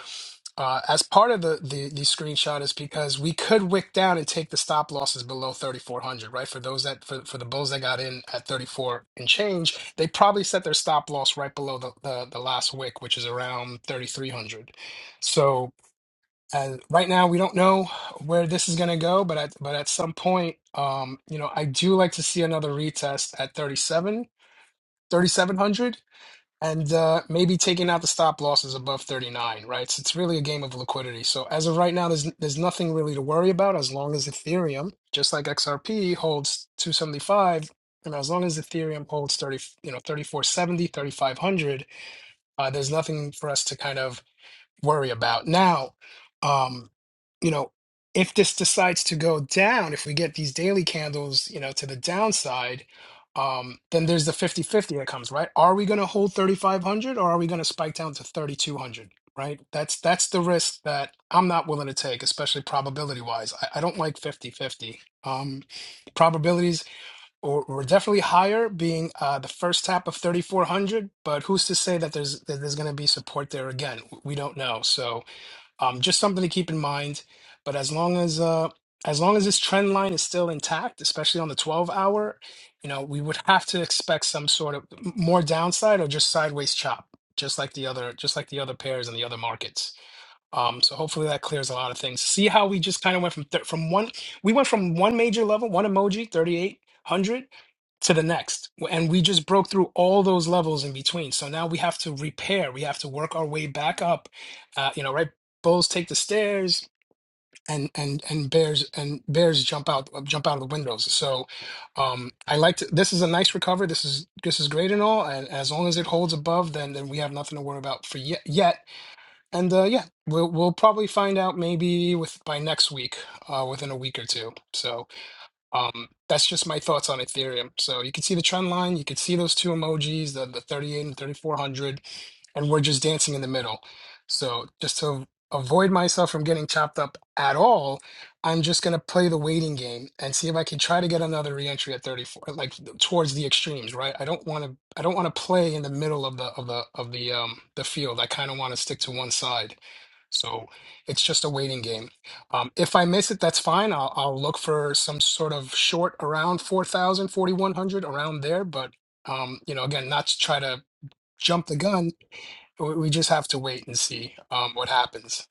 uh, as part of the, the the screenshot is because we could wick down and take the stop losses below 3400 right for those that for, for the bulls that got in at 34 and change they probably set their stop loss right below the the, the last wick which is around 3300 so uh, right now we don't know where this is going to go but at but at some point um you know i do like to see another retest at 37 3700 and uh, maybe taking out the stop losses above 39, right? So it's really a game of liquidity. So as of right now, there's there's nothing really to worry about as long as Ethereum, just like XRP, holds 275, and as long as Ethereum holds 30, you know, thirty four seventy, thirty five hundred, uh, there's nothing for us to kind of worry about. Now, um, you know, if this decides to go down, if we get these daily candles, you know, to the downside, um, then there's the fifty-fifty that comes, right? Are we going to hold 3,500 or are we going to spike down to 3,200? Right. That's that's the risk that I'm not willing to take, especially probability wise. I, I don't like fifty-fifty Um, probabilities or, or definitely higher, being uh, the first tap of 3,400. But who's to say that there's that there's going to be support there again? We don't know. So um, just something to keep in mind. But as long as uh, as long as this trend line is still intact, especially on the 12 hour, you know, we would have to expect some sort of more downside or just sideways chop, just like the other just like the other pairs and the other markets. Um, so hopefully that clears a lot of things. See how we just kind of went from th- from one we went from one major level, one emoji, 3800 to the next. And we just broke through all those levels in between. So now we have to repair. We have to work our way back up. Uh, you know, right? Bulls take the stairs and and and bears and bears jump out uh, jump out of the windows. So um I like to this is a nice recovery. This is this is great and all. And as long as it holds above, then then we have nothing to worry about for yet yet and uh, yeah, we'll we'll probably find out maybe with by next week, uh, within a week or two. So um, that's just my thoughts on Ethereum. So you can see the trend line, you can see those two emojis, the the 38 and 3400 and we're just dancing in the middle. So just to avoid myself from getting chopped up at all, I'm just gonna play the waiting game and see if I can try to get another reentry at 34, like towards the extremes, right? I don't want to I don't want to play in the middle of the of the of the um the field. I kind of want to stick to one side. So it's just a waiting game. Um, if I miss it, that's fine. I'll I'll look for some sort of short around 4,000, 4,100 around there. But um, you know, again, not to try to jump the gun we we just have to wait and see um, what happens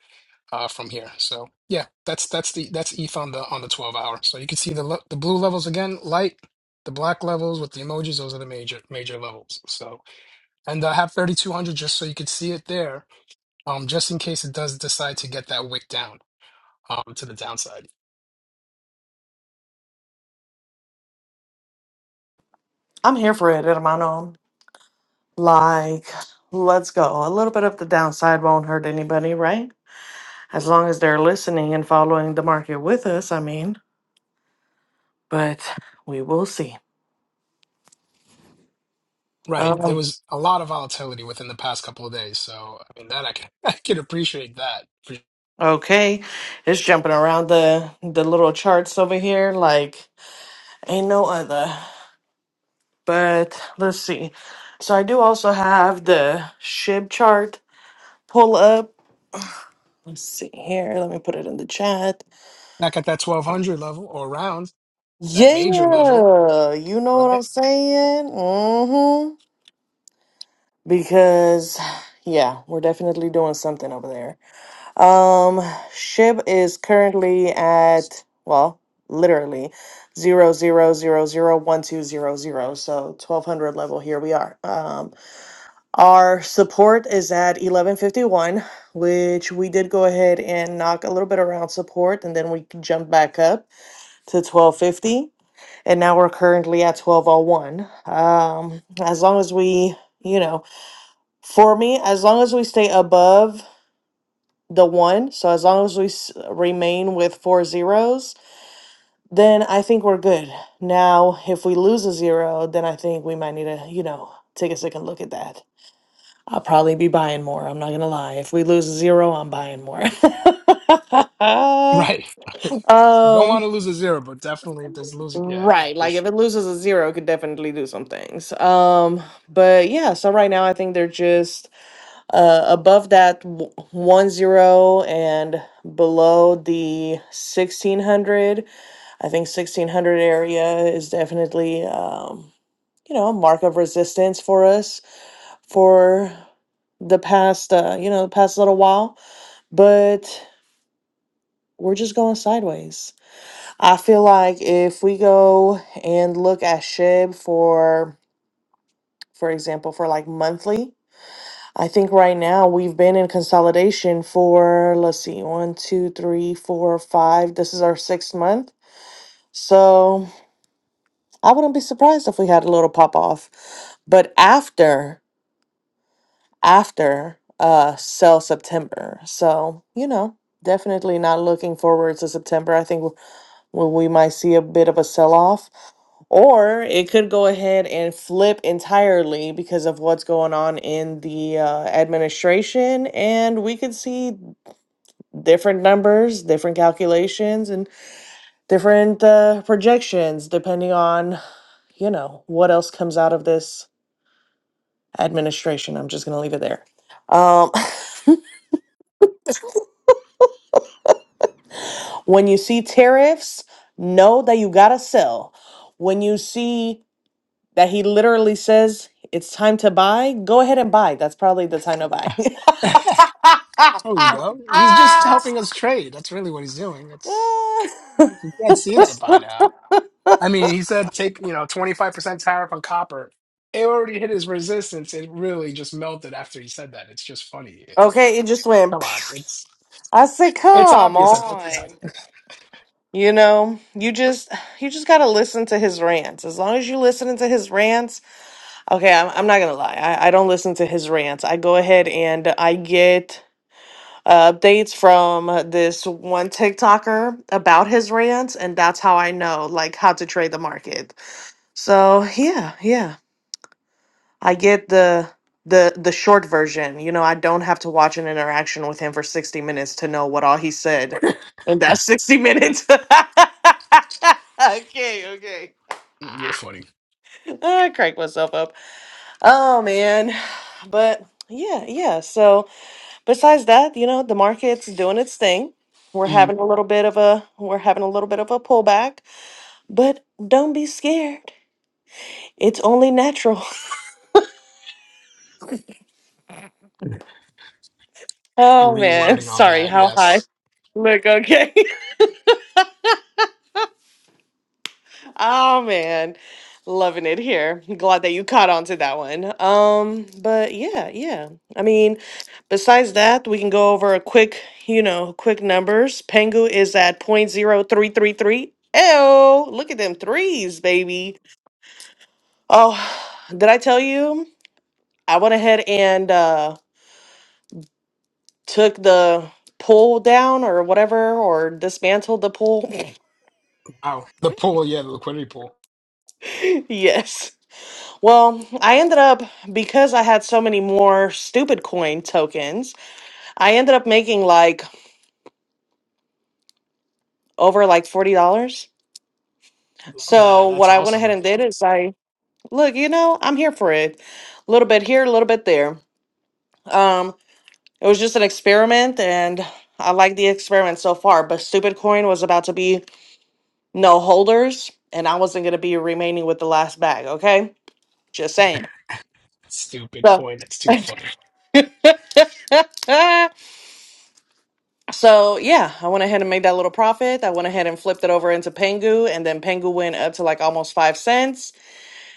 uh, from here. So yeah, that's that's the that's ETH on the on the 12 hour. So you can see the le- the blue levels again, light. The black levels with the emojis, those are the major major levels. So and I have 3200 just so you can see it there, um, just in case it does decide to get that wick down um, to the downside. I'm here for it, hermano. Like, let's go. A little bit of the downside won't hurt anybody, right? As long as they're listening and following the market with us, I mean. But we will see. Right. There Um, was a lot of volatility within the past couple of days, so I mean that I can I can appreciate that. okay, it's jumping around the the little charts over here like ain't no other. But let's see. So I do also have the SHIB chart pull up. Let's see here. Let me put it in the chat. Back at that 1200 level or around that Yeah, major level, you know what right? I'm saying? Mm-hmm. Because yeah, we're definitely doing something over there. Um, Shib is currently at well, literally zero zero zero zero one two zero zero. So twelve hundred level. Here we are. Um, our support is at eleven fifty one, which we did go ahead and knock a little bit around support, and then we jumped back up. to 1250 and now we're currently at 1201 um as long as we you know for me as long as we stay above the one so as long as we s- remain with four zeros then i think we're good now if we lose a zero then i think we might need to you know take a second look at that i'll probably be buying more i'm not gonna lie if we lose a zero i'm buying more Right. right. Don't want um to lose a zero, but definitely if there's losing, yeah. Right. for Like if it loses a zero, it could definitely do some things. Um, but yeah, so right now I think they're just uh above that w- one zero and below the 1600. I think 1600 area is definitely um, you know, a mark of resistance for us for the past uh, you know, the past little while, but we're just going sideways. I feel like if we go and look at SHIB for, for example, for like monthly, I think right now we've been in consolidation for, let's see, one, two, three, four, five. This is our sixth month. So I wouldn't be surprised if we had a little pop off, but after, after uh sell September. So, you know, definitely not looking forward to September. I think when we might see a bit of a sell off. Or it could go ahead and flip entirely because of what's going on in the uh, administration. And we could see different numbers, different calculations, and different uh, projections depending on, you know, what else comes out of this administration. I'm just going to leave it there. Um, when you see tariffs, know that you got to sell. When you see that he literally says it's time to buy, go ahead and buy. That's probably the time to buy. sure. There you go. He's just helping us trade. That's really what he's doing. It's you can't see that by now. I mean, he said take you know twenty five percent tariff on copper. It already hit his resistance. It really just melted after he said that. It's just funny. It- okay, it just Come went. on, it's I said, it's "Come obvious at this on." point. You know, you just you just gotta listen to his rants. As long as you listen to his rants, okay, I'm, I'm not gonna lie. I, I don't listen to his rants. I go ahead and I get uh, updates from this one TikToker about his rants, and that's how I know like how to trade the market. So yeah, yeah, I get the the the short version. You know, I don't have to watch an interaction with him for sixty minutes to know what all he said in that sixty minutes. okay, okay, Mm, You're funny. I crack myself up. Oh man, but yeah, yeah. So. besides that, you know, the market's doing its thing. We're Mm, having a little bit of a we're having a little bit of a pullback, but don't be scared. It's only natural. Oh man, Rewording on sorry, that, how high? yes. Look, okay. oh man. Loving it here. Glad that you caught on to that one. Um, but yeah, yeah. I mean, besides that, we can go over a quick, you know, quick numbers. Pengu is at point zero three three three. Oh, look at them threes, baby. Oh, did I tell you? I went ahead and uh, took the pool down or whatever, or dismantled the pool. Wow, the pool, yeah, the liquidity pool. yes. Well, I ended up, because I had so many more stupid coin tokens, I ended up making like over like $40. Love that. So That's what I went ahead awesome. and did is I, look, you know, I'm here for it. A little bit here, a little bit there. Um, it was just an experiment and I like the experiment so far, but stupid coin was about to be no holders, and I wasn't going to be remaining with the last bag. Okay, just saying. Stupid So, coin. It's too funny. so yeah, I went ahead and made that little profit. I went ahead and flipped it over into Pengu, and then Pengu went up to like almost five cents,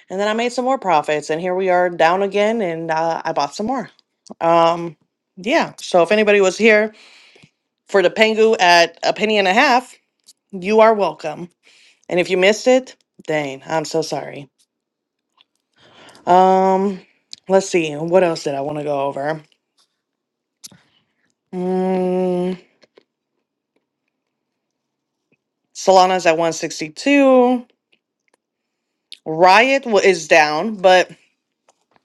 and then I made some more profits. And here we are down again, and uh, I bought some more. Um, yeah. So if anybody was here for the Pengu at a penny and a half, you are welcome. And if you missed it, dang, I'm so sorry. Um, let's see. What else did I want to go over? Mm, Solana's at 162. Riot wa- is down, but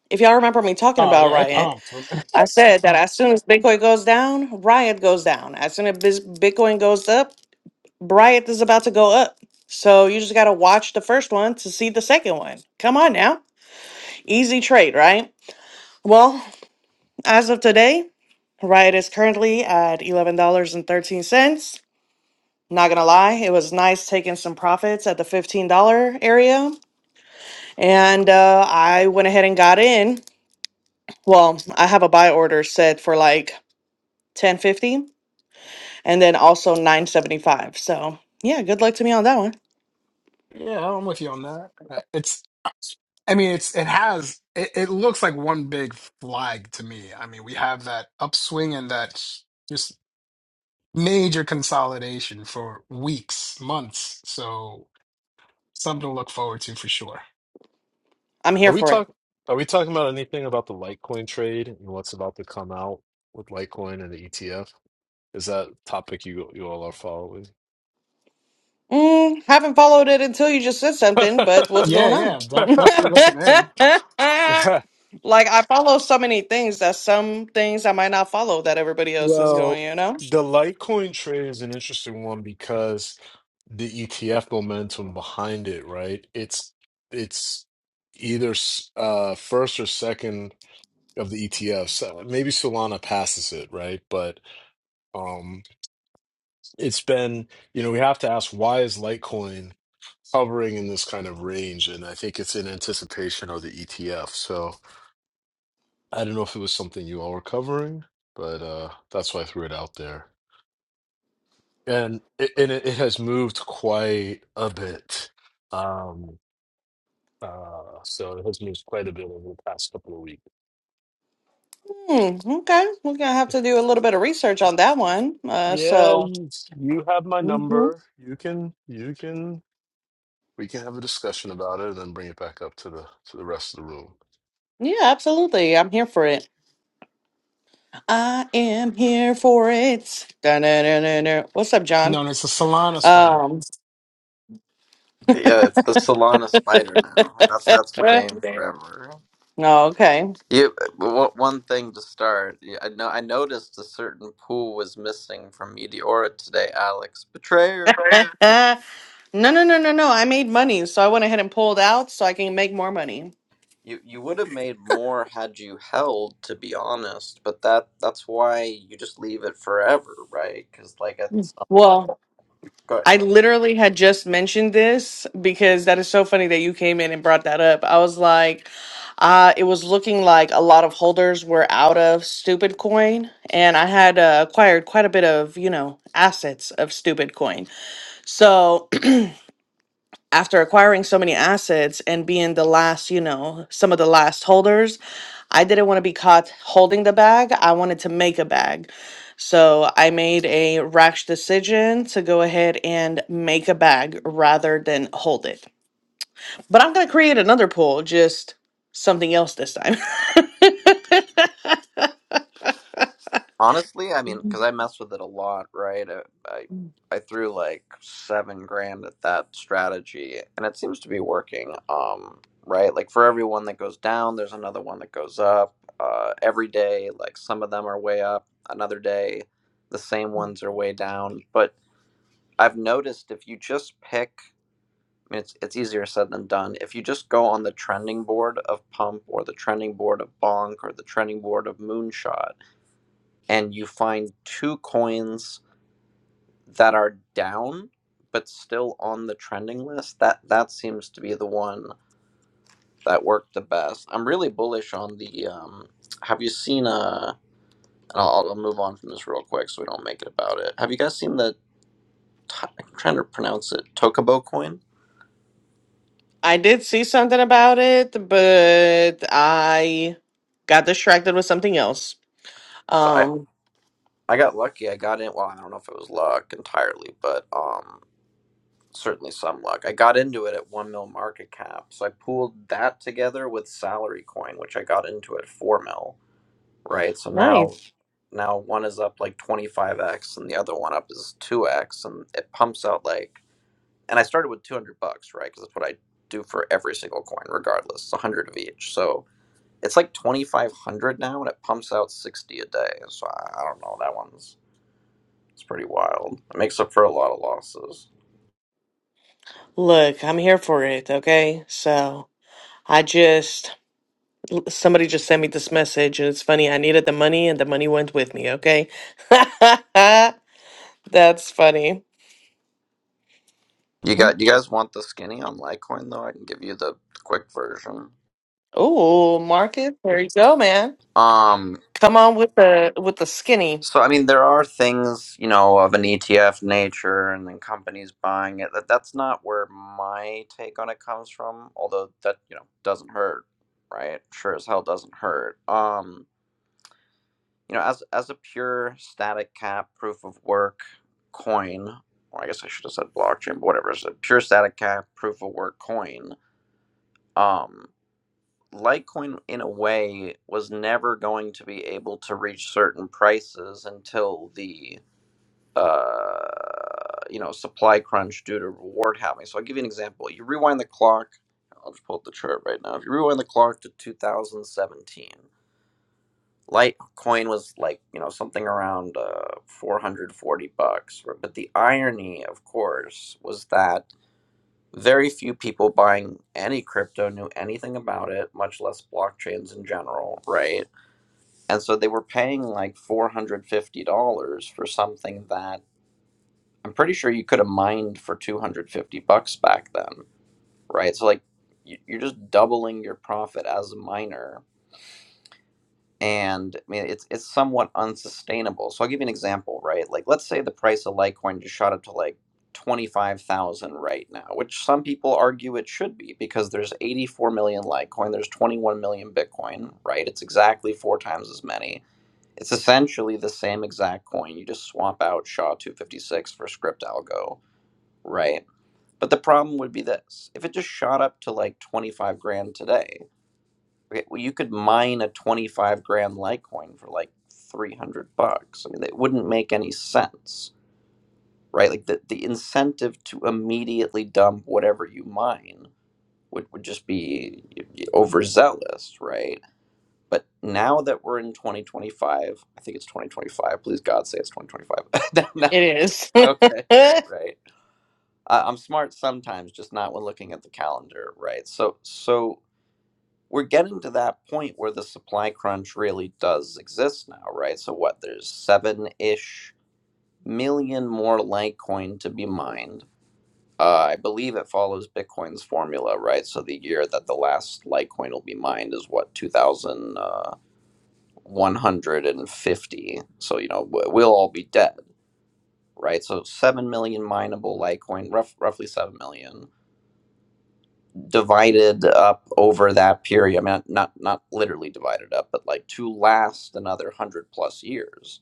if y'all remember me talking Oh about yeah, it Riot, pumped. I said that as soon as Bitcoin goes down, Riot goes down. As soon as bis- Bitcoin goes up, Riot is about to go up. So you just got to watch the first one to see the second one. Come on now. Easy trade, right? Well, as of today, Riot is currently at $11.13. Not gonna lie, it was nice taking some profits at the $15 area. And uh, I went ahead and got in. Well, I have a buy order set for like 1050 and then also 975. So yeah, good luck to me on that one. Yeah, I'm with you on that. Uh, It's, uh, I mean, it's it has it, it looks like one big flag to me. I mean, we have that upswing and that just major consolidation for weeks, months. So something to look forward to for sure. I'm here are we for it. talk are we talking about anything about the litecoin trade and what's about to come out with litecoin and the etf is that topic you you all are following Mm, haven't followed it until you just said something, but what's Yeah, going on? yeah, that definitely listen in. like I follow so many things that some things I might not follow that everybody else is Well, going, you know? the Litecoin trade is an interesting one because the ETF momentum behind it, right? It's it's either s- uh first or second of the ETFs. Uh, Maybe Solana passes it, right? But um it's been, you know, we have to ask why is Litecoin hovering in this kind of range? And I think it's in anticipation of the ETF. So I don't know if it was something you all were covering, but uh that's why I threw it out there. and it, and it it has moved quite a bit. Um, uh, so it has moved quite a bit over the past couple of weeks. Hmm, okay, we're gonna have to do a little bit of research on that one. Uh, Yeah, so, you, you have my Mhm. number. You can you can we can have a discussion about it and then bring it back up to the to the rest of the room. yeah, absolutely, I'm here for it. I am here for it. Da-na-na-na-na. What's up, John? Known as the Solana spider. Um, Yeah, it's the Solana spider now. That that's my eh, name forever. oh, okay. You wha- one thing to start. yeah, I know I noticed a certain pool was missing from Meteora today, Alex. Betrayer. no, no, no, no, no. I made money, so I went ahead and pulled out so I can make more money. You you would have made more had you held, to be honest. But that that's why you just leave it forever, right? Because like it's Well, good. I literally had just mentioned this because that is so funny that you came in and brought that up. I was like, uh, it was looking like a lot of holders were out of Stupid Coin, and I had uh, acquired quite a bit of, you know, assets of Stupid Coin. So after acquiring so many assets and being the last, you know, some of the last holders, I didn't want to be caught holding the bag. I wanted to make a bag. So I made a rash decision to go ahead and make a bag rather than hold it. But I'm going to create another pool, just something else this time. Honestly, I mean, because I messed with it a lot, right? I, I I threw like seven grand at that strategy, and it seems to be working. Um, right? Like for every one that goes down, there's another one that goes up. Uh, every day, like some of them are way up. Another day, the same ones are way down. But I've noticed if you just pick, I mean, it's it's easier said than done. If you just go on the trending board of Pump or the trending board of Bonk or the trending board of Moonshot and you find two coins that are down but still on the trending list that that seems to be the one that worked the best i'm really bullish on the um have you seen uh and I'll, I'll move on from this real quick so we don't make it about it have you guys seen the i i'm trying to pronounce it tokubo coin I did see something about it, but I got distracted with something else. so i Um, i got lucky i got in well i don't know if it was luck entirely but um certainly some luck. I got into it at one mil market cap, so I pooled that together with salary coin, which I got into at four mil, right? So now now one is up like 25x and the other one up is 2x and it pumps out like and I started with 200 bucks, right? Cuz that's what I do for every single coin regardless, it's 100 of each. So it's like 2500 now and it pumps out 60 a day. So I I don't know, that one's it's pretty wild. It makes up for a lot of losses. Look, I'm here for it, okay? So I just, somebody just sent me this message, and it's funny. I needed the money, and the money went with me, okay? That's funny. You got you guys want the skinny on Litecoin though? I can give you the quick version. Oh, Marcus, there you go, man. Um Come on with the with the skinny. so I mean there are things, you know, of an ETF nature and then companies buying it. That that's not where my take on it comes from, although that, you know, doesn't hurt, right? Sure as hell doesn't hurt. Um, you know, as as a pure static cap proof of work coin, or I guess I should have said blockchain, but whatever, it's a pure static cap proof of work coin. Um Litecoin, in a way, was never going to be able to reach certain prices until the uh, you know supply crunch due to reward halving. So I'll give you an example. You rewind the clock. I'll just pull up the chart right now. If you rewind the clock to 2017, Litecoin was like you know something around uh, 440 bucks. But the irony, of course, was that very few people buying any crypto knew anything about it, much less blockchains in general, right? And so they were paying like $450 for something that I'm pretty sure you could have mined for 250 bucks back then, right? So like you- you're just doubling your profit as a miner and I mean it's it's somewhat unsustainable. So I'll give you an example, right? Like let's say the price of Litecoin just shot up to like twenty five thousand right now, which some people argue it should be because there's eighty four million Litecoin, there's twenty one million Bitcoin, right? It's exactly four times as many. It's essentially the same exact coin. You just swap out SHA two fifty six for Script Algo, right? But the problem would be this: if it just shot up to like twenty five grand today Okay, well, you could mine a 25 gram Litecoin for like 300 bucks. I mean, it wouldn't make any sense, right? Like the, the incentive to immediately dump whatever you mine would, would just be overzealous, right? But now that we're in 2025, I think it's 2025. Please God say it's 2025. No, It is. no, okay, right. I, I'm smart sometimes, just not when looking at the calendar, right? So, so we're getting to that point where the supply crunch really does exist now, right? So what? There's seven-ish million more Litecoin to be mined. Uh, I believe it follows Bitcoin's formula, right? So the year that the last Litecoin will be mined is what 2,150. So you know w- we'll all be dead, right? So seven million mineable Litecoin, rough, roughly seven million divided up over that period. I mean, not not literally divided up, but like to last another hundred plus years,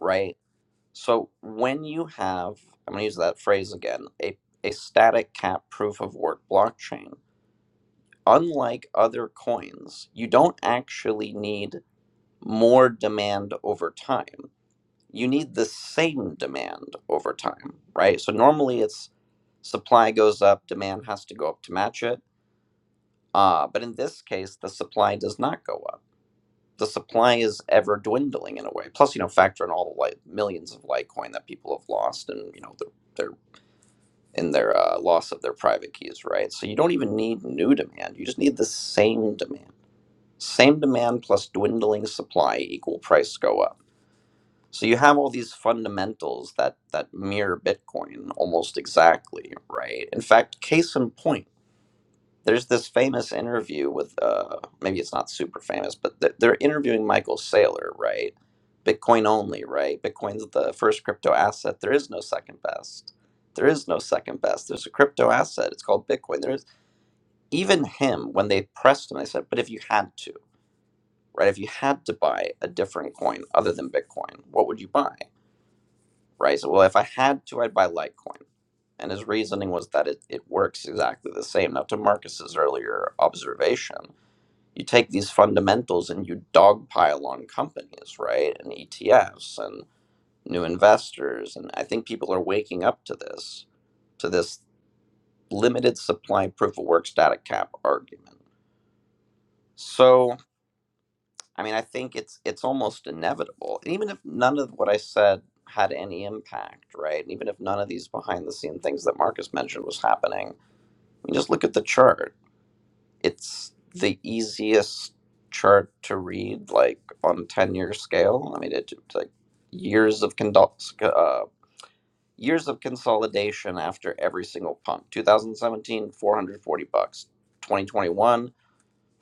right? So when you have, I'm going to use that phrase again, a a static cap proof of work blockchain. Unlike other coins, you don't actually need more demand over time. You need the same demand over time, right? So normally it's supply goes up, demand has to go up to match it Uh, but in this case, the supply does not go up. The supply is ever dwindling in a way. Plus, you know, factor in all the like millions of Litecoin that people have lost, and you know, their their in their uh, loss of their private keys, right? So you don't even need new demand. You just need the same demand. Same demand plus dwindling supply equal price go up. So you have all these fundamentals that that mirror Bitcoin almost exactly, right? In fact, case in point There's this famous interview with, uh, maybe it's not super famous, but th- they're interviewing Michael Saylor, right? Bitcoin only, right? Bitcoin's the first crypto asset. There is no second best. There is no second best. There's a crypto asset. It's called Bitcoin. There is even him when they pressed him. They said, "But if you had to, right? If you had to buy a different coin other than Bitcoin, what would you buy?" Right? So, well, if I had to, I'd buy Litecoin. And his reasoning was that it, it works exactly the same. Now, to Marcus's earlier observation, you take these fundamentals and you dogpile on companies, right? And ETFs and new investors. And I think people are waking up to this, to this limited supply proof of work static cap argument. So, I mean, I think it's it's almost inevitable. And even if none of what I said had any impact, right? And even if none of these behind the scene things that Marcus mentioned was happening, I mean, just look at the chart it's the easiest chart to read like on a 10 year scale i mean it, it's like years of condol- uh, years of consolidation after every single pump 2017, 440 bucks 2021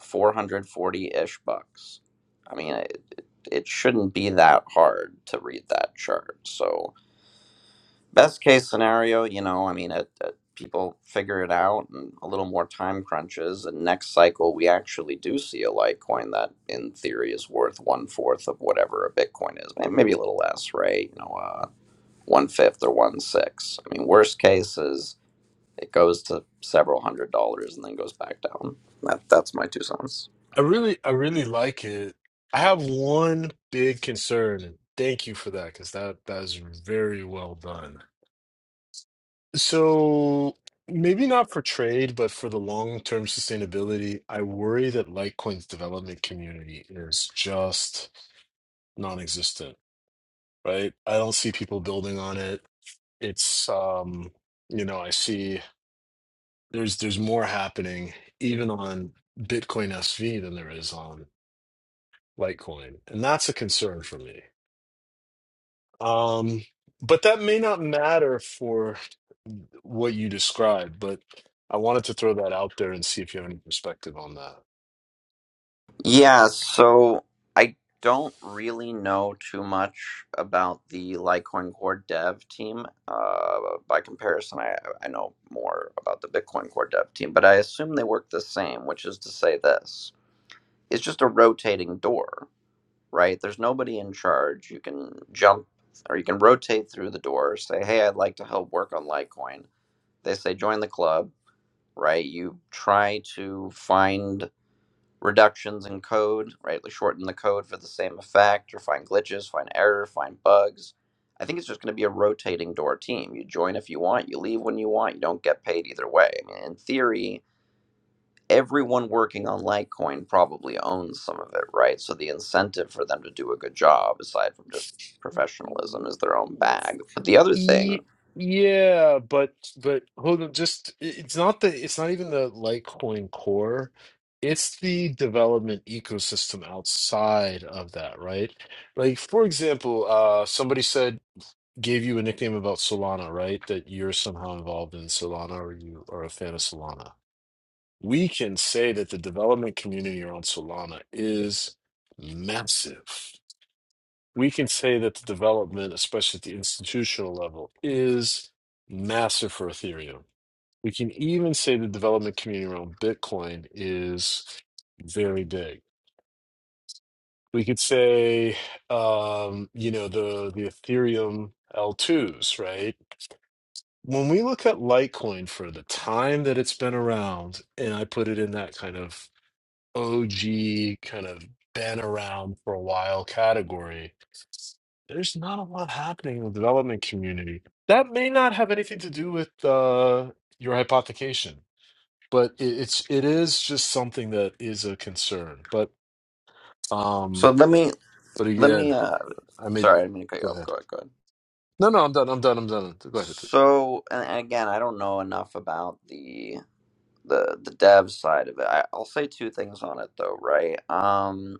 440-ish bucks i mean it, it it shouldn't be that hard to read that chart so Best case scenario, you know, I mean, it, it, people figure it out and a little more time crunches, and next cycle we actually do see a Litecoin that, in theory, is worth one fourth of whatever a Bitcoin is, May- maybe a little less, right? You know, uh, one fifth or one six. I mean, worst case is it goes to several hundred dollars and then goes back down. That that's my two cents. I really I really like it. I have one big concern, and thank you for that because that that is very well done. So maybe not for trade, but for the long-term sustainability, I worry that Litecoin's development community is just non-existent, right? I don't see people building on it. It's um, you know, I see there's there's more happening even on Bitcoin SV than there is on Litecoin, and that's a concern for me. Um, but that may not matter for. what you described, but I wanted to throw that out there and see if you have any perspective on that. Yeah, so I don't really know too much about the Litecoin Core dev team. Uh, by comparison, I, I know more about the Bitcoin Core dev team, but I assume they work the same, which is to say this it's just a rotating door, right? There's nobody in charge. You can jump or you can rotate through the door, say, hey, I'd like to help work on Litecoin. They say, join the club, right? You try to find reductions in code, right? Like shorten the code for the same effect or find glitches, find error, find bugs. I think it's just going to be a rotating door team. You join if you want, you leave when you want, you don't get paid either way. I mean, in theory, everyone working on Litecoin probably owns some of it, right? So the incentive for them to do a good job, aside from just professionalism, is their own bag. But the other thing, Ye- Yeah, but but hold on, just i- it's not the it's not even the Litecoin core. It's the development ecosystem outside of that, right? Like for example, uh somebody said gave you a nickname about Solana, right? That you're somehow involved in Solana or you are a fan of Solana. we can say that the development community around Solana is massive. We can say that the development, especially at the institutional level, is massive for Ethereum. We can even say the development community around Bitcoin is very big. We could say, um, you know, the the Ethereum L2s, right? When we look at Litecoin for the time that it's been around, and I put it in that kind of OG kind of been around for a while category, there's not a lot happening in the development community. That may not have anything to do with uh, your hypothecation, but it, it's it is just something that is a concern. But so um, let me, but let again, me, uh, I may sorry, be. I didn't mean to cut you Go off. Go ahead. ahead, go ahead. No, no, I'm done. I'm done. I'm done. Go ahead, please. So, and and again, I don't know enough about the the the dev side of it. I, I'll say two things on it though, right? Um,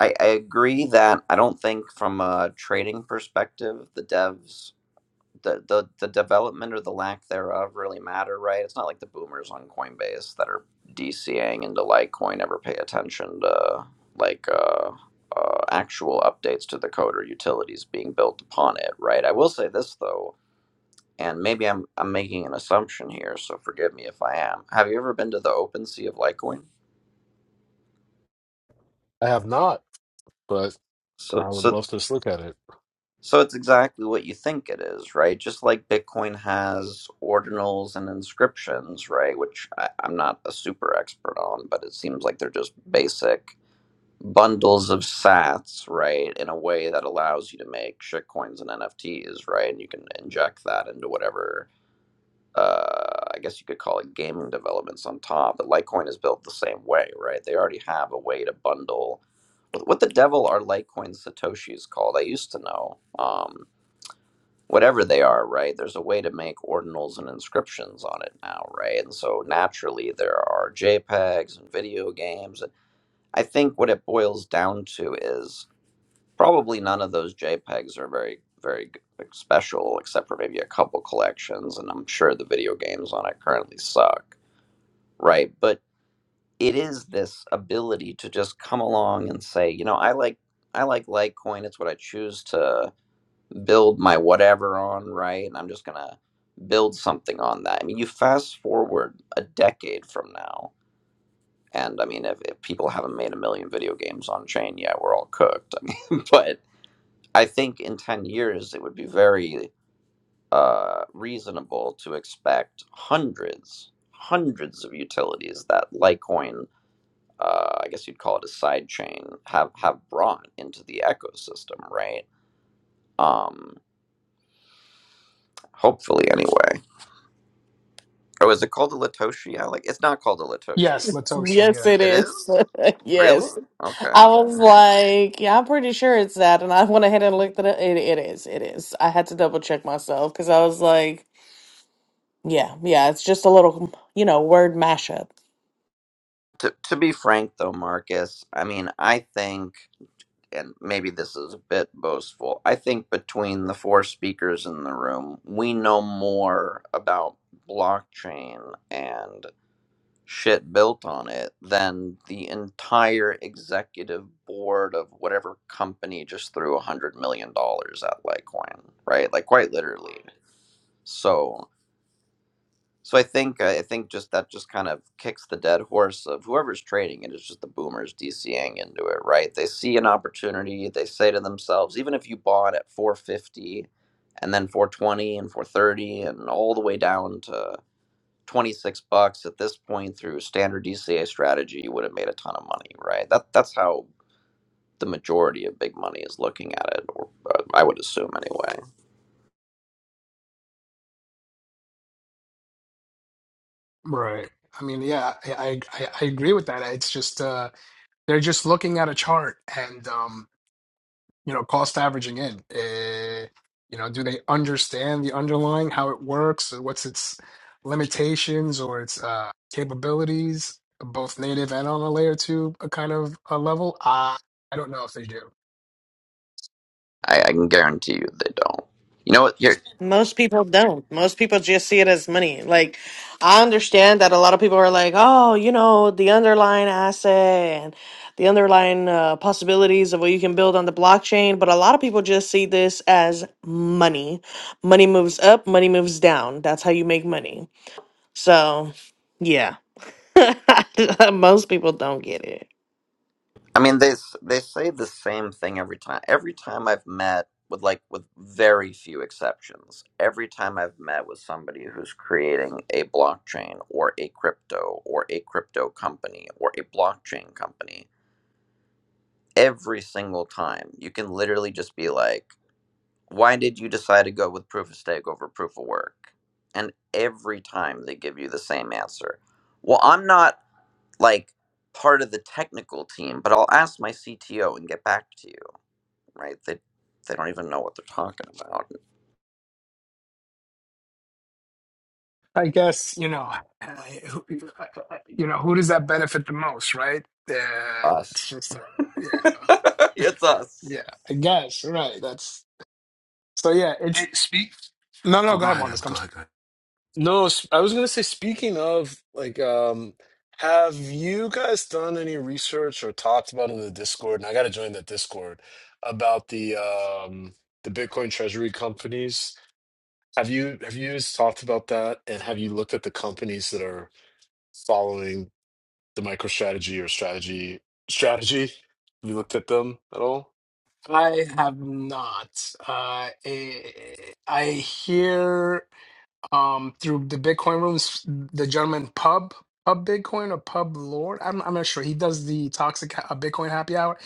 I, I agree that I don't think from a trading perspective the devs the, the the development or the lack thereof really matter, right? It's not like the boomers on Coinbase that are DCAing into Litecoin ever pay attention to like uh, uh, actual updates to the code or utilities being built upon it, right? I will say this though and maybe I'm I'm making an assumption here, so forgive me if I am. Have you ever been to the open sea of Litecoin? I have not, but So I would so love to just look at it. so it's exactly what you think it is, right? Just like Bitcoin has ordinals and inscriptions, right? Which I, I'm not a super expert on, but it seems like they're just basic bundles of sats, right? In a way that allows you to make shitcoins and NFTs, right? And you can inject that into whatever uh, I guess you could call it gaming developments on top. But Litecoin is built the same way, right? They already have a way to bundle. What, what the devil are Litecoin Satoshis called? I used to know. Um, whatever they are, right? There's a way to make ordinals and inscriptions on it now, right? And so naturally, there are JPEGs and video games. I think what it boils down to is probably none of those JPEGs are very, very special, except for maybe a couple collections. And I'm sure the video games on it currently suck, right? But it is this ability to just come along and say, you know, I like. I like Litecoin. It's what I choose to build my whatever on, right? And I'm just going to build something on that. I mean, you fast forward a decade from now, and I mean, if, if people haven't made a million video games on chain yet, we're all cooked. I mean, but I think in 10 years it would be very uh, reasonable to expect hundreds, hundreds of utilities that Litecoin, uh, I guess you'd call it a side chain, have, have brought into the ecosystem, right? Um, hopefully, anyway. Oh, is it called a Latoshi? I like it's not called a Latoshi. Yes, Latoshi. yes, Yeah, it It is. is? Really? yes. Okay. I All was right. like, yeah, I'm pretty sure it's that. And I went ahead and looked at it. It, it is. It is. I had to double check myself because I was like, Yeah, yeah, it's just a little, you know, word mashup. To, to be frank, though, Marcus, I mean, I think. and maybe this is a bit boastful, I think between the four speakers in the room, we know more about blockchain and shit built on it than the entire executive board of whatever company just threw a hundred million dollars at Litecoin, right? Like quite literally. So so I think uh, I think just that just kind of kicks the dead horse of whoever's trading it is just the boomers DCing into it, right? They see an opportunity, they say to themselves, even if you bought at 450 and then 420 and 430 and all the way down to 26 bucks at this point through standard DCA strategy, you would have made a ton of money, right? That that's how the majority of big money is looking at it, or uh, I would assume anyway. right. I mean, yeah, I, I I I agree with that. It's just uh they're just looking at a chart and um you know, cost averaging in? Uh, you know, do they understand the underlying, how it works, or what's its limitations or its uh, capabilities, both native and on a layer two uh, kind of a level? Uh, I don't know if they do. I, I can guarantee you they don't. You know what? Here, Most people don't. Most people just see it as money. Like, I understand that a lot of people are like, oh, you know, the underlying asset and the underlying uh, possibilities of what you can build on the blockchain. But a lot of people just see this as money. Money moves up, money moves down. That's how you make money. So, yeah, most people don't get it. I mean, they s- they say the same thing every time. Every time I've met with like with very few exceptions, every time I've met with somebody who's creating a blockchain or a crypto or a crypto company or a blockchain company, every single time you can literally just be like, "Why did you decide to go with proof of stake over proof of work?" And every time they give you the same answer. Well, I'm not like part of the technical team, but I'll ask my CTO and get back to you right? They they don't even know what they're talking about. I guess, you know, uh, who- you know, who does that benefit the most, right? Uh, it's Us, just, uh, yeah, it's us. yeah, I guess, right. That's so, yeah, it's Hey, speak. no, no, Oh, go go ahead, ahead, Em. Marcus. Go ahead. Go ahead. No, s- I was gonna say, speaking of, like, um, have you guys done any research or talked about in the Discord? And I gotta join that Discord about the um the Bitcoin treasury companies. Have you have you guys talked about that? And have you looked at the companies that are following the MicroStrategy or strategy strategy? Have you looked at them at all? I have not. Uh, eh, I hear um, through the Bitcoin rooms, the gentleman Pub Pub Bitcoin or Pub Lord. I'm I'm not sure. He does the toxic ha- uh, Bitcoin happy hour.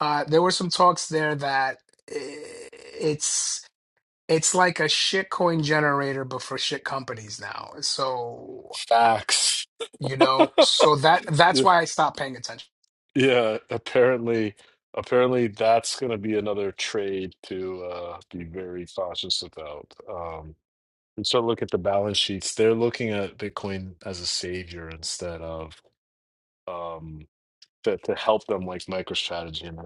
Uh, there were some talks there that eh, it's it's like a shitcoin generator, but for shit companies now. So Facts. you know, so that that's why I stopped paying attention. Yeah, apparently, apparently that's going to be another trade to uh, be very cautious about. Um, and so look at the balance sheets. They're looking at Bitcoin as a savior instead of um, to, to help them like MicroStrategy. And I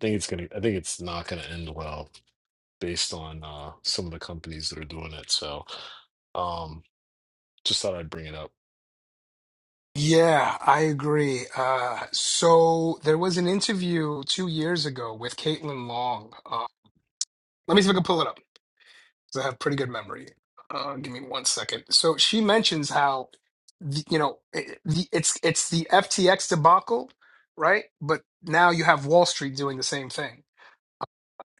think it's gonna, I think it's not gonna end well based on uh, some of the companies that are doing it. So um, just thought I'd bring it up. Yeah, I agree. Uh, so there was an interview two years ago with Caitlin Long. Uh, let me see if I can pull it up 'cause I have pretty good memory. Uh, give me one second. So she mentions how, the, you know, it, the, it's it's the FTX debacle, right? But now you have Wall Street doing the same thing.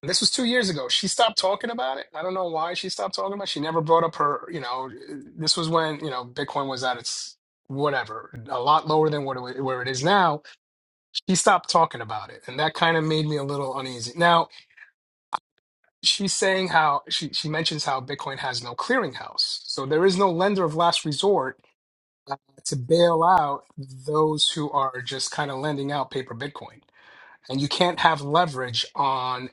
And this was two years ago. She stopped talking about it. I don't know why she stopped talking about it. She never brought up her, you know, this was when, you know, Bitcoin was at its whatever, a lot lower than what it, wa- where it is now he stopped talking about it and that kind of made me a little uneasy now she's saying how she, she mentions how bitcoin has no clearinghouse so there is no lender of last resort uh, to bail out those who are just kind of lending out paper bitcoin and you can't have leverage on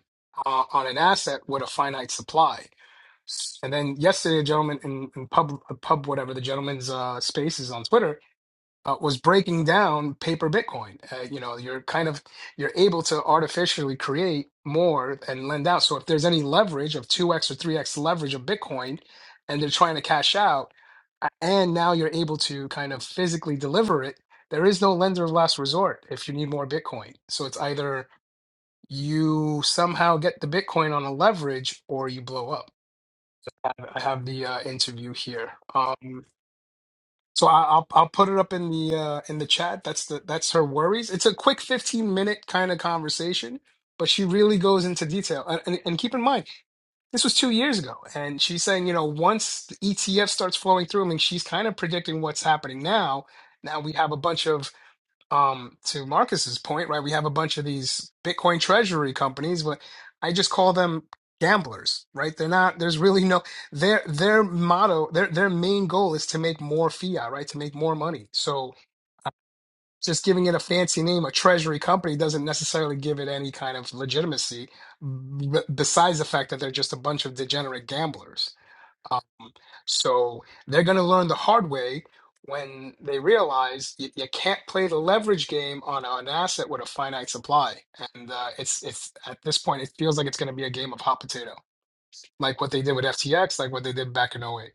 uh, on an asset with a finite supply and then yesterday a gentleman in, in pub uh, pub whatever the gentleman's uh, space is on twitter uh, was breaking down paper Bitcoin. Uh, you know, you're kind of you're able to artificially create more and lend out. So if there's any leverage of 2x or 3x leverage of Bitcoin and they're trying to cash out a- and now you're able to kind of physically deliver it, there is no lender of last resort if you need more Bitcoin. So it's either you somehow get the Bitcoin on a leverage or you blow up. I have the uh, interview here. Um, so I, I'll I'll put it up in the uh, in the chat. That's the that's her worries. It's a quick fifteen minute kind of conversation, but she really goes into detail. And, and and keep in mind, this was two years ago, and she's saying you know once the ETF starts flowing through, I mean she's kind of predicting what's happening now. Now we have a bunch of um to Marcus's point, right? We have a bunch of these Bitcoin treasury companies, but I just call them gamblers, right? They're not there's really no their their motto, their their main goal is to make more fiat, right? To make more money. So just giving it a fancy name, a treasury company, doesn't necessarily give it any kind of legitimacy, b- besides the fact that they're just a bunch of degenerate gamblers. So they're going to learn the hard way when they realize you, you can't play the leverage game on an asset with a finite supply. And uh, it's it's at this point, it feels like it's going to be a game of hot potato, like what they did with FTX, like what they did back in '08.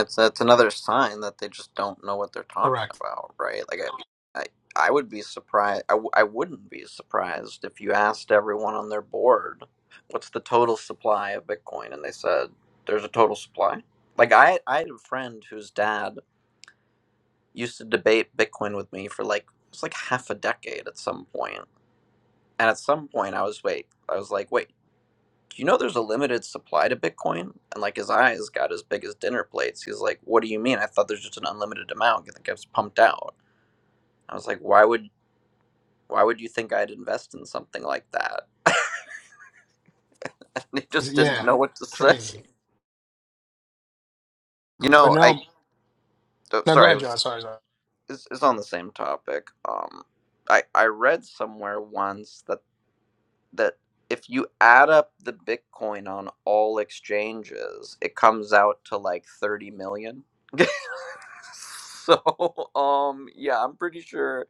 It's that's another sign that they just don't know what they're talking Correct. about, right? Like I, I, I would be surprised. I, w- I wouldn't be surprised if you asked everyone on their board, "What's the total supply of Bitcoin?" and they said, "There's a total supply." Like I, I had a friend whose dad used to debate Bitcoin with me for like it was like half a decade at some point. And at some point, I was wait, I was like, wait. Do you know there's a limited supply to Bitcoin? And like his eyes got as big as dinner plates. He's like, What do you mean? I thought there's just an unlimited amount. You think I was pumped out? I was like, Why would why would you think I'd invest in something like that? and he just didn't Yeah, know what to say. crazy. You But know, I no, oh, no, go sorry, it ahead, John. was Sorry, sorry. it's, it's on the same topic. Um I I read somewhere once that that if you add up the Bitcoin on all exchanges, it comes out to like 30 million. So, um, yeah, I'm pretty sure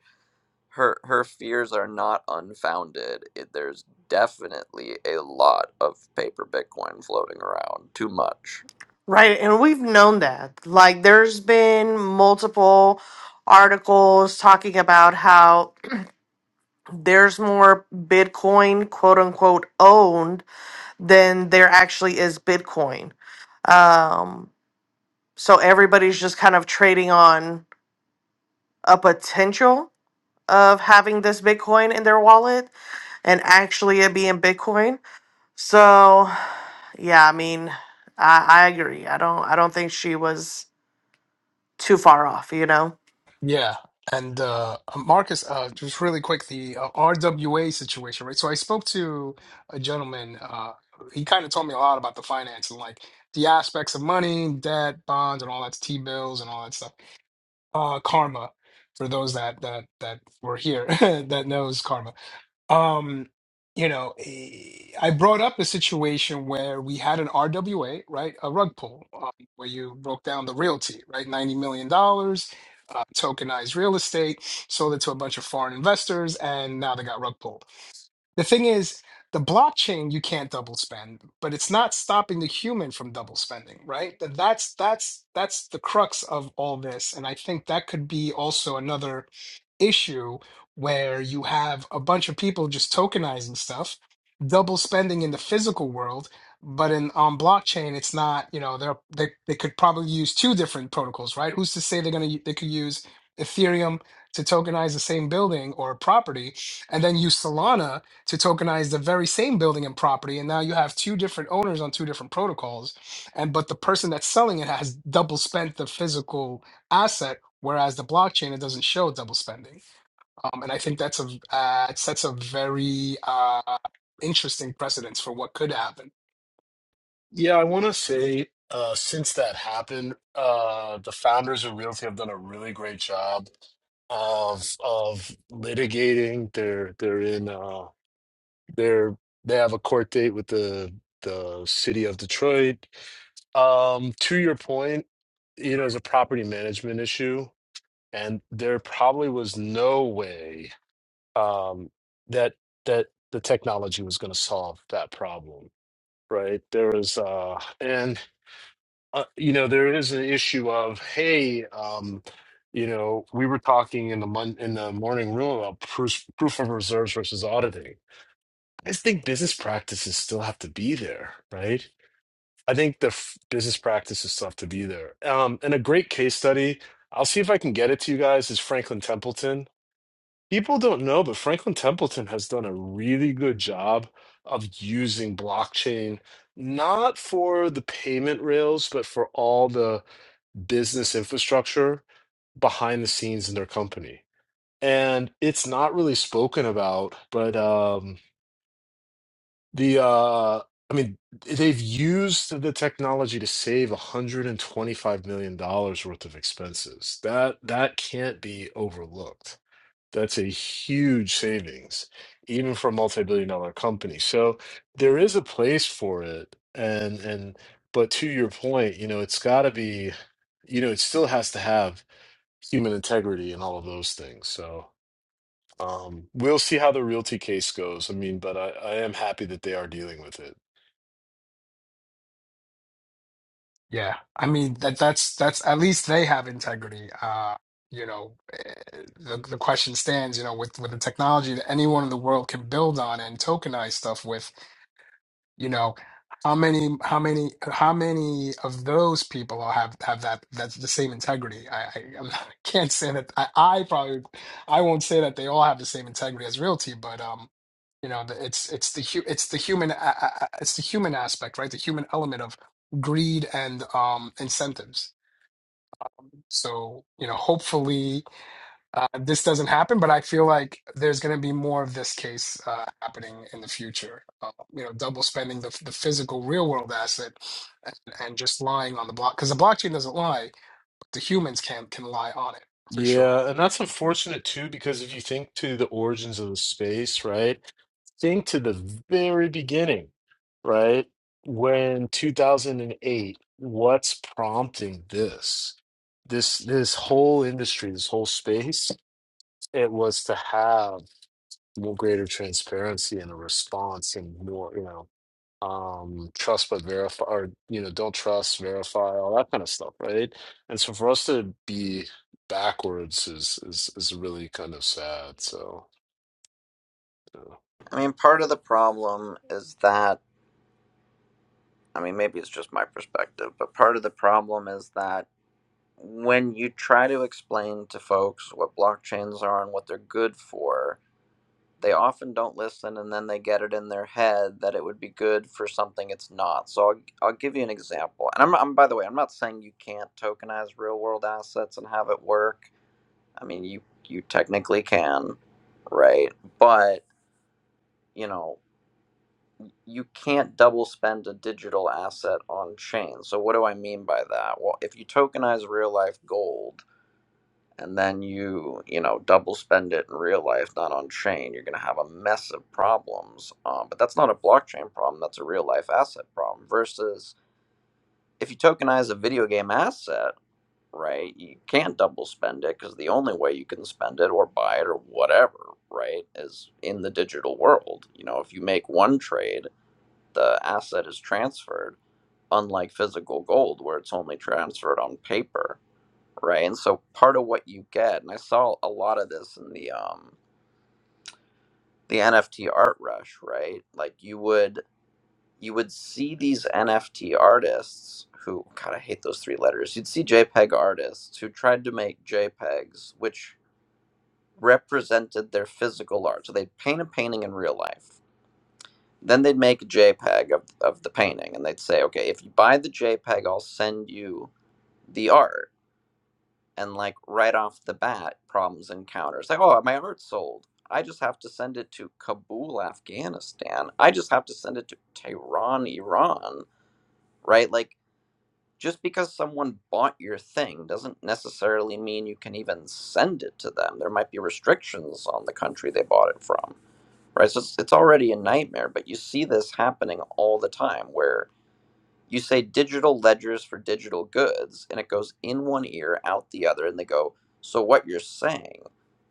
her her fears are not unfounded. It, there's definitely a lot of paper Bitcoin floating around, too much. Right, and we've known that. Like, there's been multiple articles talking about how there's more Bitcoin, quote unquote, owned than there actually is Bitcoin. Um, so everybody's just kind of trading on a potential of having this Bitcoin in their wallet and actually it being Bitcoin. So, yeah, I mean, I, I agree. I don't, I don't think she was too far off, you know. Yeah. And uh, Marcus, uh, just really quick, the uh, RWA situation, right? So I spoke to a gentleman. Uh, he kind of told me a lot about the finance and like the aspects of money, debt, bonds, and all that T bills and all that stuff. Uh, karma, for those that that that were here that knows karma. Um, you know, eh, I brought up a situation where we had an RWA, right? A rug pull, um, where you broke down the realty, right? $90 million, dollars, uh, tokenized real estate, sold it to a bunch of foreign investors, and now they got rug pulled. The thing is, the blockchain you can't double spend, but it's not stopping the human from double spending, right? Th- That's that's that's the crux of all this, and I think that could be also another issue where you have a bunch of people just tokenizing stuff, double spending in the physical world, but in on blockchain, it's not, you know, they're, they they could probably use two different protocols, right? Who's to say they're gonna they could use Ethereum to tokenize the same building or property, and then use Solana to tokenize the very same building and property, and now you have two different owners on two different protocols, and but the person that's selling it has double spent the physical asset Whereas the blockchain, it doesn't show double spending. Um, and I think that's a uh, it sets a very uh, interesting precedence for what could happen. Yeah, I want to say uh, since that happened, uh, the founders of Realty have done a really great job of of litigating. They're they're in uh, they're they have a court date with the the city of Detroit. Um, to your point, you know, it's a property management issue, and there probably was no way um, that that the technology was going to solve that problem, right? There was, uh, and uh, you know there is an issue of hey um you know we were talking in the mon- in the morning room about proof proof of reserves versus auditing i just think business practices still have to be there right i think the f- business practices still have to be there um and a great case study i'll see if i can get it to you guys is franklin templeton People don't know, but Franklin Templeton has done a really good job of using blockchain, not for the payment rails, but for all the business infrastructure behind the scenes in their company. And it's not really spoken about, but um, the uh, I mean, they've used the technology to save 125 million dollars worth of expenses. That that can't be overlooked. That's a huge savings, even for a multi-billion dollar company. So there is a place for it. And and but to your point, you know, it's gotta be, you know, it still has to have human integrity and all of those things. So um we'll see how the realty case goes. I mean, but I, I am happy that they are dealing with it. Yeah, I mean that that's that's at least they have integrity. Uh, you know, eh, the the question stands. You know, with with the technology that anyone in the world can build on and tokenize stuff with, you know how many how many how many of those people all have have that that's the same integrity i i, I'm not, I can't say that I, I probably i won't say that they all have the same integrity as realty but um you know the, it's it's the hu- it's the human a- a- a- it's the human aspect right the human element of greed and um incentives so you know hopefully uh, this doesn't happen, but I feel like there's going to be more of this case uh, happening in the future. Uh, you know, double spending the the physical real world asset and, and just lying on the block because the blockchain doesn't lie, but the humans can can lie on it for sure. Yeah, and that's unfortunate too, because if you think to the origins of the space, right? think to the very beginning, right? When 2008, what's prompting this? This this whole industry, this whole space, it was to have more greater transparency and a response and more, you know, um, trust but verify or you know, don't trust, verify, all that kind of stuff, right? And so for us to be backwards is is is really kind of sad. So yeah. I mean, part of the problem is that I mean, maybe it's just my perspective, but part of the problem is that when you try to explain to folks what blockchains are and what they're good for, they often don't listen and then they get it in their head that it would be good for something it's not so i'll, I'll give you an example and I'm, I'm by the way i'm not saying you can't tokenize real world assets and have it work i mean you you technically can right but you know you can't double spend a digital asset on chain so what do i mean by that well if you tokenize real life gold and then you you know double spend it in real life not on chain you're going to have a mess of problems um, but that's not a blockchain problem that's a real life asset problem versus if you tokenize a video game asset right you can't double spend it because the only way you can spend it or buy it or whatever right is in the digital world you know if you make one trade the asset is transferred unlike physical gold where it's only transferred on paper right? And so part of what you get, and I saw a lot of this in the um the NFT art rush, right? Like you would you would see these NFT artists who God, I hate those three letters. You'd see JPEG artists who tried to make JPEGs which represented their physical art. So they'd paint a painting in real life. Then they'd make a JPEG of, of the painting and they'd say, okay, if you buy the JPEG, I'll send you the art and like right off the bat problems encounters like oh my art's sold i just have to send it to kabul afghanistan i just have to send it to tehran iran right like just because someone bought your thing doesn't necessarily mean you can even send it to them there might be restrictions on the country they bought it from right so it's, it's already a nightmare but you see this happening all the time where you say digital ledgers for digital goods, and it goes in one ear, out the other, and they go, So what you're saying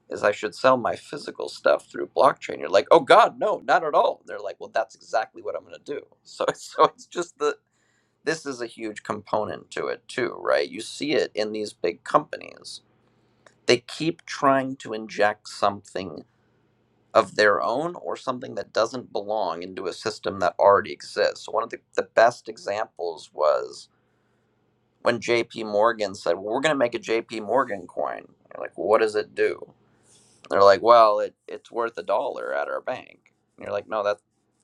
is I should sell my physical stuff through blockchain. You're like, Oh God, no, not at all. they're like, Well, that's exactly what I'm gonna do. So so it's just the this is a huge component to it too, right? You see it in these big companies. They keep trying to inject something of their own or something that doesn't belong into a system that already exists. So one of the, the best examples was when JP Morgan said, well, we're going to make a JP Morgan coin. You're like, well, what does it do? And They're like, well, it, it's worth a dollar at our bank. And you're like, no, that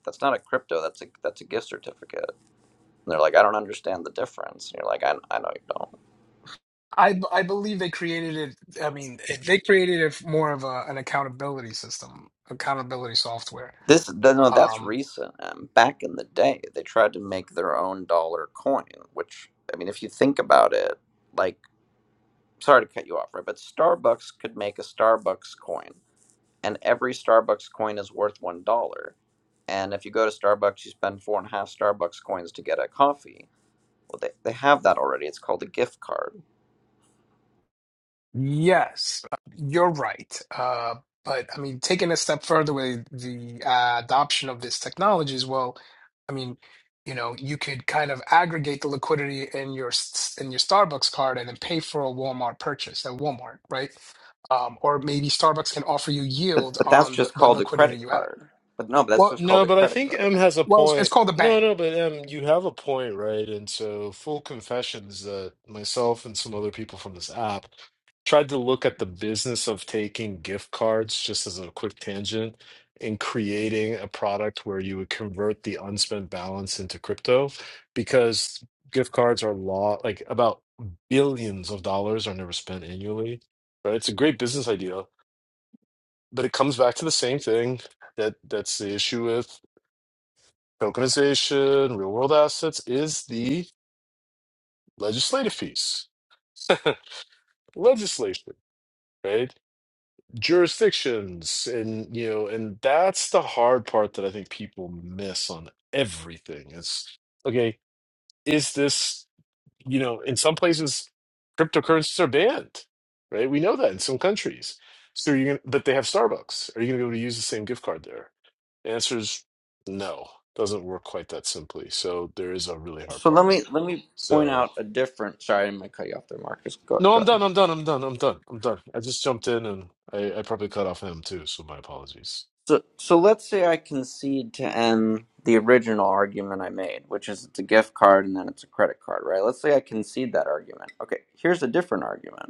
that's not a crypto. That's a that's a gift certificate. And they're like, I don't understand the difference. And you're like, I, I know you don't. I b- I believe they created it. I mean, they created it more of a, an accountability system, accountability software. This no, that's Um, recent. Um, back in the day, they tried to make their own dollar coin. Which I mean, if you think about it, like sorry to cut you off, right? But Starbucks could make a Starbucks coin and every Starbucks coin is worth one dollar. And if you go to Starbucks, you spend four and a half Starbucks coins to get a coffee. Well, they, they have that already. It's called a gift card. Yes, you're right. Uh, but I mean, taking a step further with the uh, adoption of this technology as well, I mean, you know, you could kind of aggregate the liquidity in your s- in your Starbucks card and then pay for a Walmart purchase at Walmart, right? Um, or maybe Starbucks can offer you But, yield but that's on the, just the called a liquidity credit you have. card. But no, but that's Well, just called No, a but I credit think M card. has a well, it's, it's point. called a No, bank. no, but M, you have a point, right? And so, full confession is that myself and some other people from this app tried to look at the business of taking gift cards, just as a quick tangent, and creating a product where you would convert the unspent balance into crypto, because gift cards are law, like about billions of dollars are never spent annually, right? It's a great business idea, but it comes back to the same thing that that's the issue with. Tokenization, real world assets is the legislative piece. legislation, right? Jurisdictions, and you know, and that's the hard part that I think people miss on everything. It's okay, is this, you know, in some places cryptocurrencies are banned, right? We know that in some countries. So you're gonna, but they have Starbucks. Are you gonna be able to use the same gift card there? The answer is no. Doesn't work quite that simply. So there is a really hard So let part. me let me point So out a different. Sorry, I'm gonna cut you off there, Marcus. Go no, go I'm ahead. done. I'm done. I'm done. I'm done. I'm done. I just jumped in and I, I probably cut off him too. So my apologies. So so let's say I concede to end the original argument I made, which is it's a gift card and then it's a credit card, right? Let's say I concede that argument. Okay, here's a different argument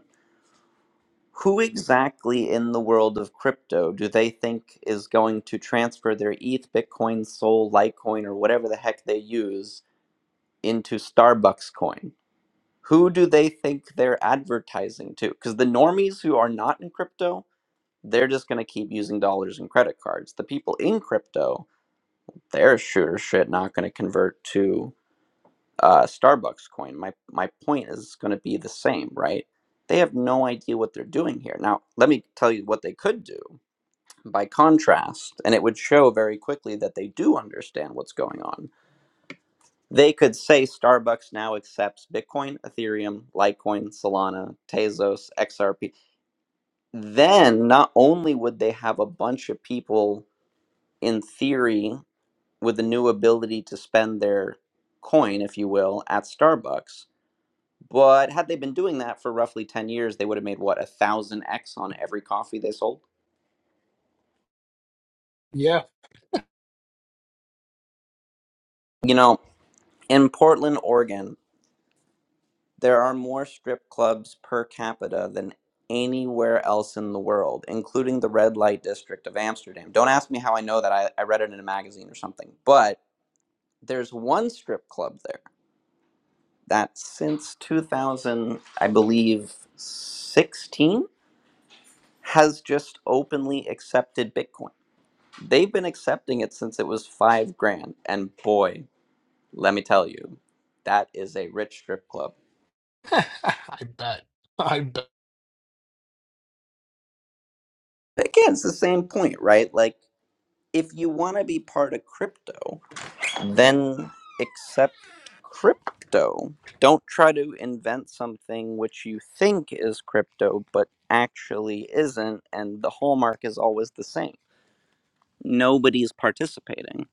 Who exactly in the world of crypto do they think is going to transfer their ETH, Bitcoin, Sol, Litecoin, or whatever the heck they use into Starbucks coin? Who do they think they're advertising to? Because the normies who are not in crypto, they're just going to keep using dollars and credit cards. The people in crypto, they're sure shit not going to convert to uh, Starbucks coin. My, my point is going to be the same, right? They have no idea what they're doing here. Now, let me tell you what they could do by contrast, and it would show very quickly that they do understand what's going on. They could say Starbucks now accepts Bitcoin, Ethereum, Litecoin, Solana, Tezos, XRP. Then not only would they have a bunch of people in theory with the new ability to spend their coin, if you will, at Starbucks, but had they been doing that for roughly 10 years, they would have made what, a thousand X on every coffee they sold? Yeah, You know, in Portland, Oregon, There are more strip clubs per capita than anywhere else in the world, including the red light district of Amsterdam. Don't ask me how I know that. I, I read it in a magazine or something. But there's one strip club there that since 2000, I believe, 16 has just openly accepted Bitcoin. They've been accepting it since it was five grand. And boy, let me tell you, that is a rich strip club. I bet. I bet. Again, it's the same point, right? Like, if you want to be part of crypto, then accept crypto. Don't try to invent something which you think is crypto but actually isn't, and the hallmark is always the same. Nobody's participating,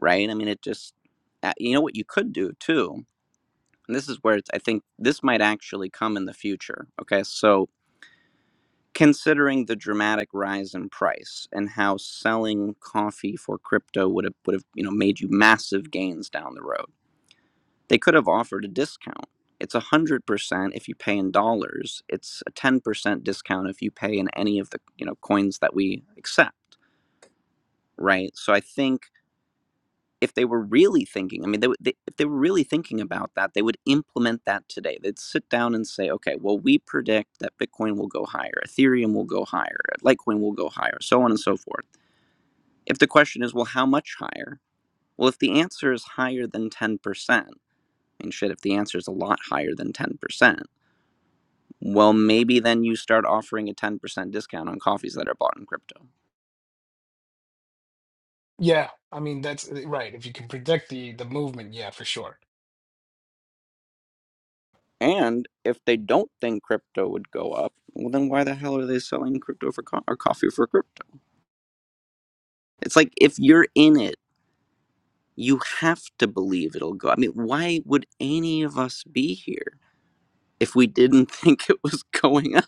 right? I mean, it just, uh, you know what you could do too? And this is where it's, I think this might actually come in the future. Okay, so considering the dramatic rise in price and how selling coffee for crypto would have would have you know made you massive gains down the road. They could have offered a discount. It's a hundred percent if you pay in dollars. It's a ten percent discount if you pay in any of the you know coins that we accept, right? So I think if they were really thinking, I mean, they, would- they, if they were really thinking about that, they would implement that today. They'd sit down and say, okay, well, we predict that Bitcoin will go higher, Ethereum will go higher, Litecoin will go higher, so on and so forth. If the question is, well, how much higher? Well, if the answer is higher than 10%, and shit, if the answer is a lot higher than 10%, well, maybe then you start offering a 10% discount on coffees that are bought in crypto. Yeah, I mean, that's right. If you can predict the the movement, yeah, for sure. And if they don't think crypto would go up, well, then why the hell are they selling crypto for co- or coffee for crypto? It's like if you're in it, you have to believe it'll go. I mean, why would any of us be here if we didn't think it was going up?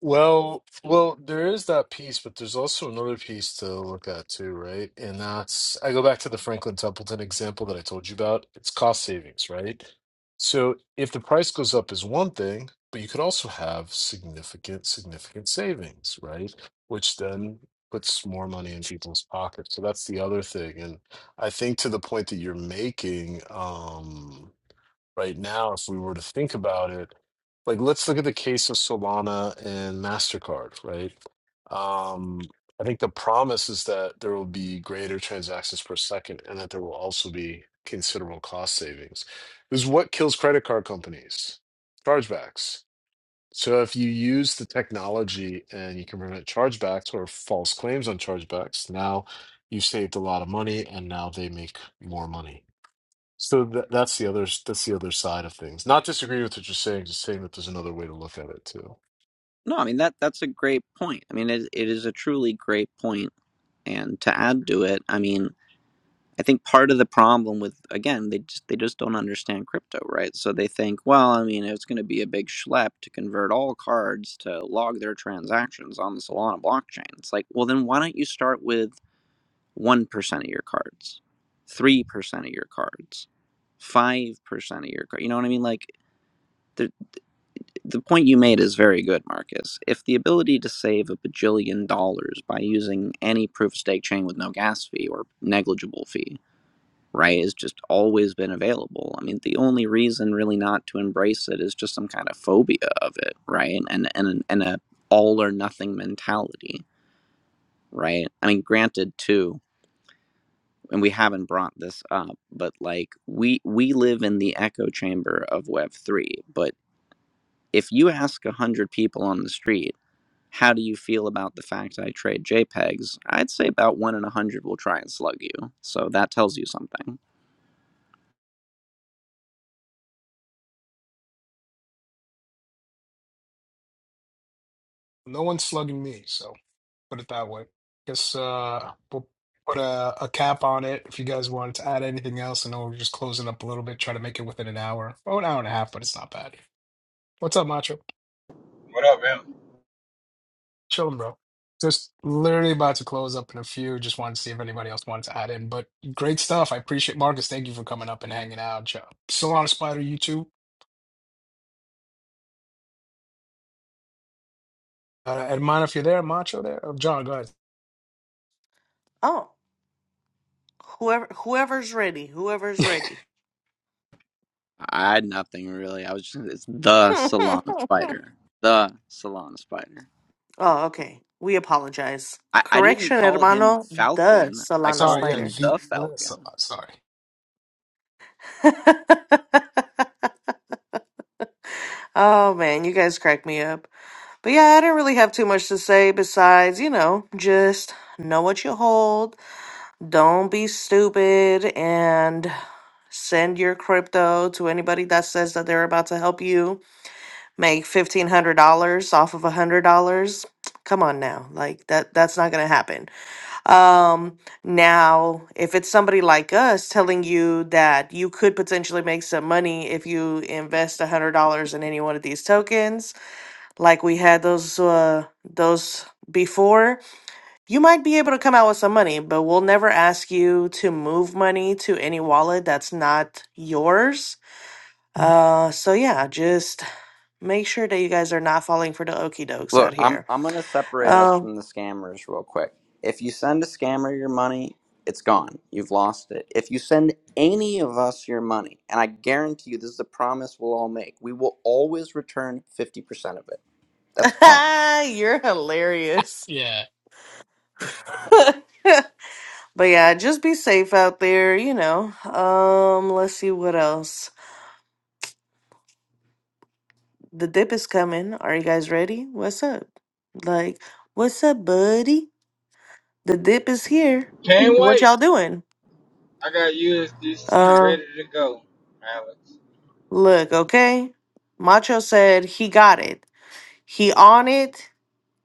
Well, well, there is that piece, but there's also another piece to look at too, right? And that's I go back to the Franklin Templeton example that I told you about. It's cost savings, right? So if the price goes up is one thing, but you could also have significant, significant savings, right? Which then puts more money in people's pockets. So that's the other thing. And I think to the point that you're making, um, right now, if we were to think about it, like let's look at the case of Solana and MasterCard, right? Um, I think the promise is that there will be greater transactions per second and that there will also be considerable cost savings. This is what kills credit card companies chargebacks. So if you use the technology and you can prevent chargebacks or false claims on chargebacks, now you've saved a lot of money and now they make more money so tha that's the other that's the other side of things. Not disagree with what you're saying, just saying that there's another way to look at it too. No, I mean that that's a great point. I mean, it, it is a truly great point. And to add to it, I mean, I think part of the problem with again, they just they just don't understand crypto, right? So they think, well, I mean, it's going to be a big schlep to convert all cards to log their transactions on the Solana blockchain. It's like, well, then why don't you start with 1% of your cards, 3% of your cards, 5% of your cards. You know what I mean? Like, the, the point you made is very good, Marcus. If the ability to save a bajillion dollars by using any proof of stake chain with no gas fee or negligible fee, right, has just always been available, I mean, the only reason really not to embrace it is just some kind of phobia of it, right? And, and, and a all or nothing mentality, right? I mean, granted, too and we haven't brought this up, but like we we live in the echo chamber of Web three. But if you ask a hundred people on the street, how do you feel about the fact I trade JPEGs? I'd say about one in a hundred will try and slug you. So that tells you something. No one's slugging me, so put it that way. Guess uh, we'll put a, a cap on it if you guys wanted to add anything else. I know we're just closing up a little bit, try to make it within an hour. Oh, an hour and a half, but it's not bad. What's up, Macho? What up, man? Chilling, bro. Just literally about to close up in a few. Just wanted to see if anybody else wanted to add in, but great stuff. I appreciate Marcus. Thank you for coming up and hanging out. Jo- Solana Spider, you too. Uh, and mind if you're there, Macho there. Oh, John, go ahead. Oh. Whoever whoever's ready, whoever's ready. I had nothing really. I was just it's the Solana spider. The Solana spider. Oh, okay. We apologize. I, I didn't Correction, call him hermano, the Falcon. I Solana called Sorry, yeah, him Slider. the the uh, so, Falcon. sorry. oh man, you guys crack me up. But yeah, I didn't really have too much to say besides, you know, just know what you hold, don't be stupid, and send your crypto to anybody that says that they're about to help you make fifteen hundred dollars off of a hundred dollars. Come on now, like that that's not gonna happen. Um now if it's somebody like us telling you that you could potentially make some money if you invest a hundred dollars in any one of these tokens, like we had those uh those before, you might be able to come out with some money, but we'll never ask you to move money to any wallet that's not yours. Uh so yeah, just Make sure that you guys are not falling for the okie dokes out Look, I'm here. I'm gonna separate us Um, from the scammers real quick. If you send a scammer your money, it's gone. You've lost it. If you send any of us your money, and I guarantee you this is a promise we'll all make, we will always return fifty percent of it. That's a promise. you're hilarious. Yeah, but yeah, just be safe out there, you know. Um, let's see what else. The dip is coming. Are you guys ready? What's up? Like, what's up, buddy? The dip is here. Can't What wait. y'all doing? I got USDC Uh, ready to go, Alex. look, okay. Macho said he got it. He on it,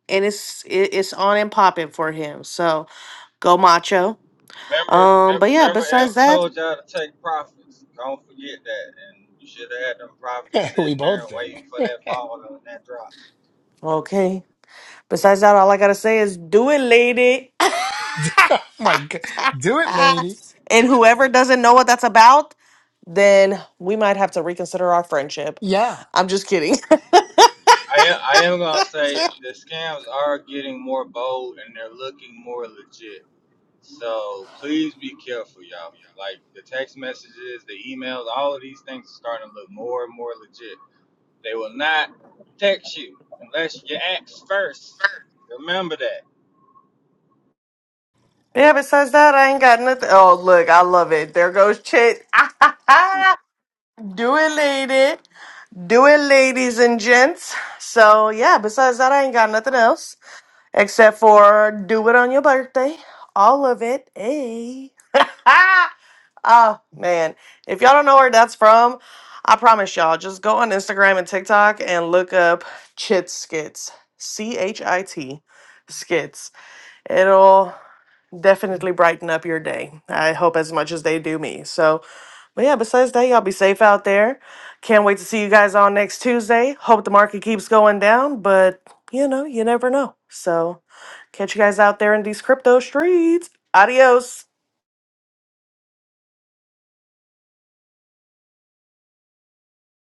and it's it, it's on and popping for him. So go, Macho. Remember, mem- Um, but yeah, remember, M besides that, told y'all to take profits. Don't forget that. And you should have had them profits we sitting there both waiting for did. that fall and that drop. okay. Besides that, all I gotta say is do it, lady. Oh my God. Do it, lady. and whoever doesn't know what that's about, then we might have to reconsider our friendship. Yeah. I'm just kidding. I am, I am gonna say the scams are getting more bold and they're looking more legit. So please be careful, y'all. Like the text messages, the emails, all of these things are starting to look more and more legit. They will not protect you unless you ask first. Remember that. yeah, besides that, I ain't got nothing. Oh, look, I love it. There goes Chit. do it, lady. Do it, ladies and gents. So yeah, besides that, I ain't got nothing else. Except for do it on your birthday. All of it. Hey. oh man. If y'all don't know where that's from, I promise y'all, just go on Instagram and TikTok and look up Chit Skits. C H I T Skits. It'll definitely brighten up your day. I hope as much as they do me. So, but yeah, besides that, y'all be safe out there. Can't wait to see you guys on next Tuesday. Hope the market keeps going down, but you know, you never know. So, catch you guys out there in these crypto streets. Adios.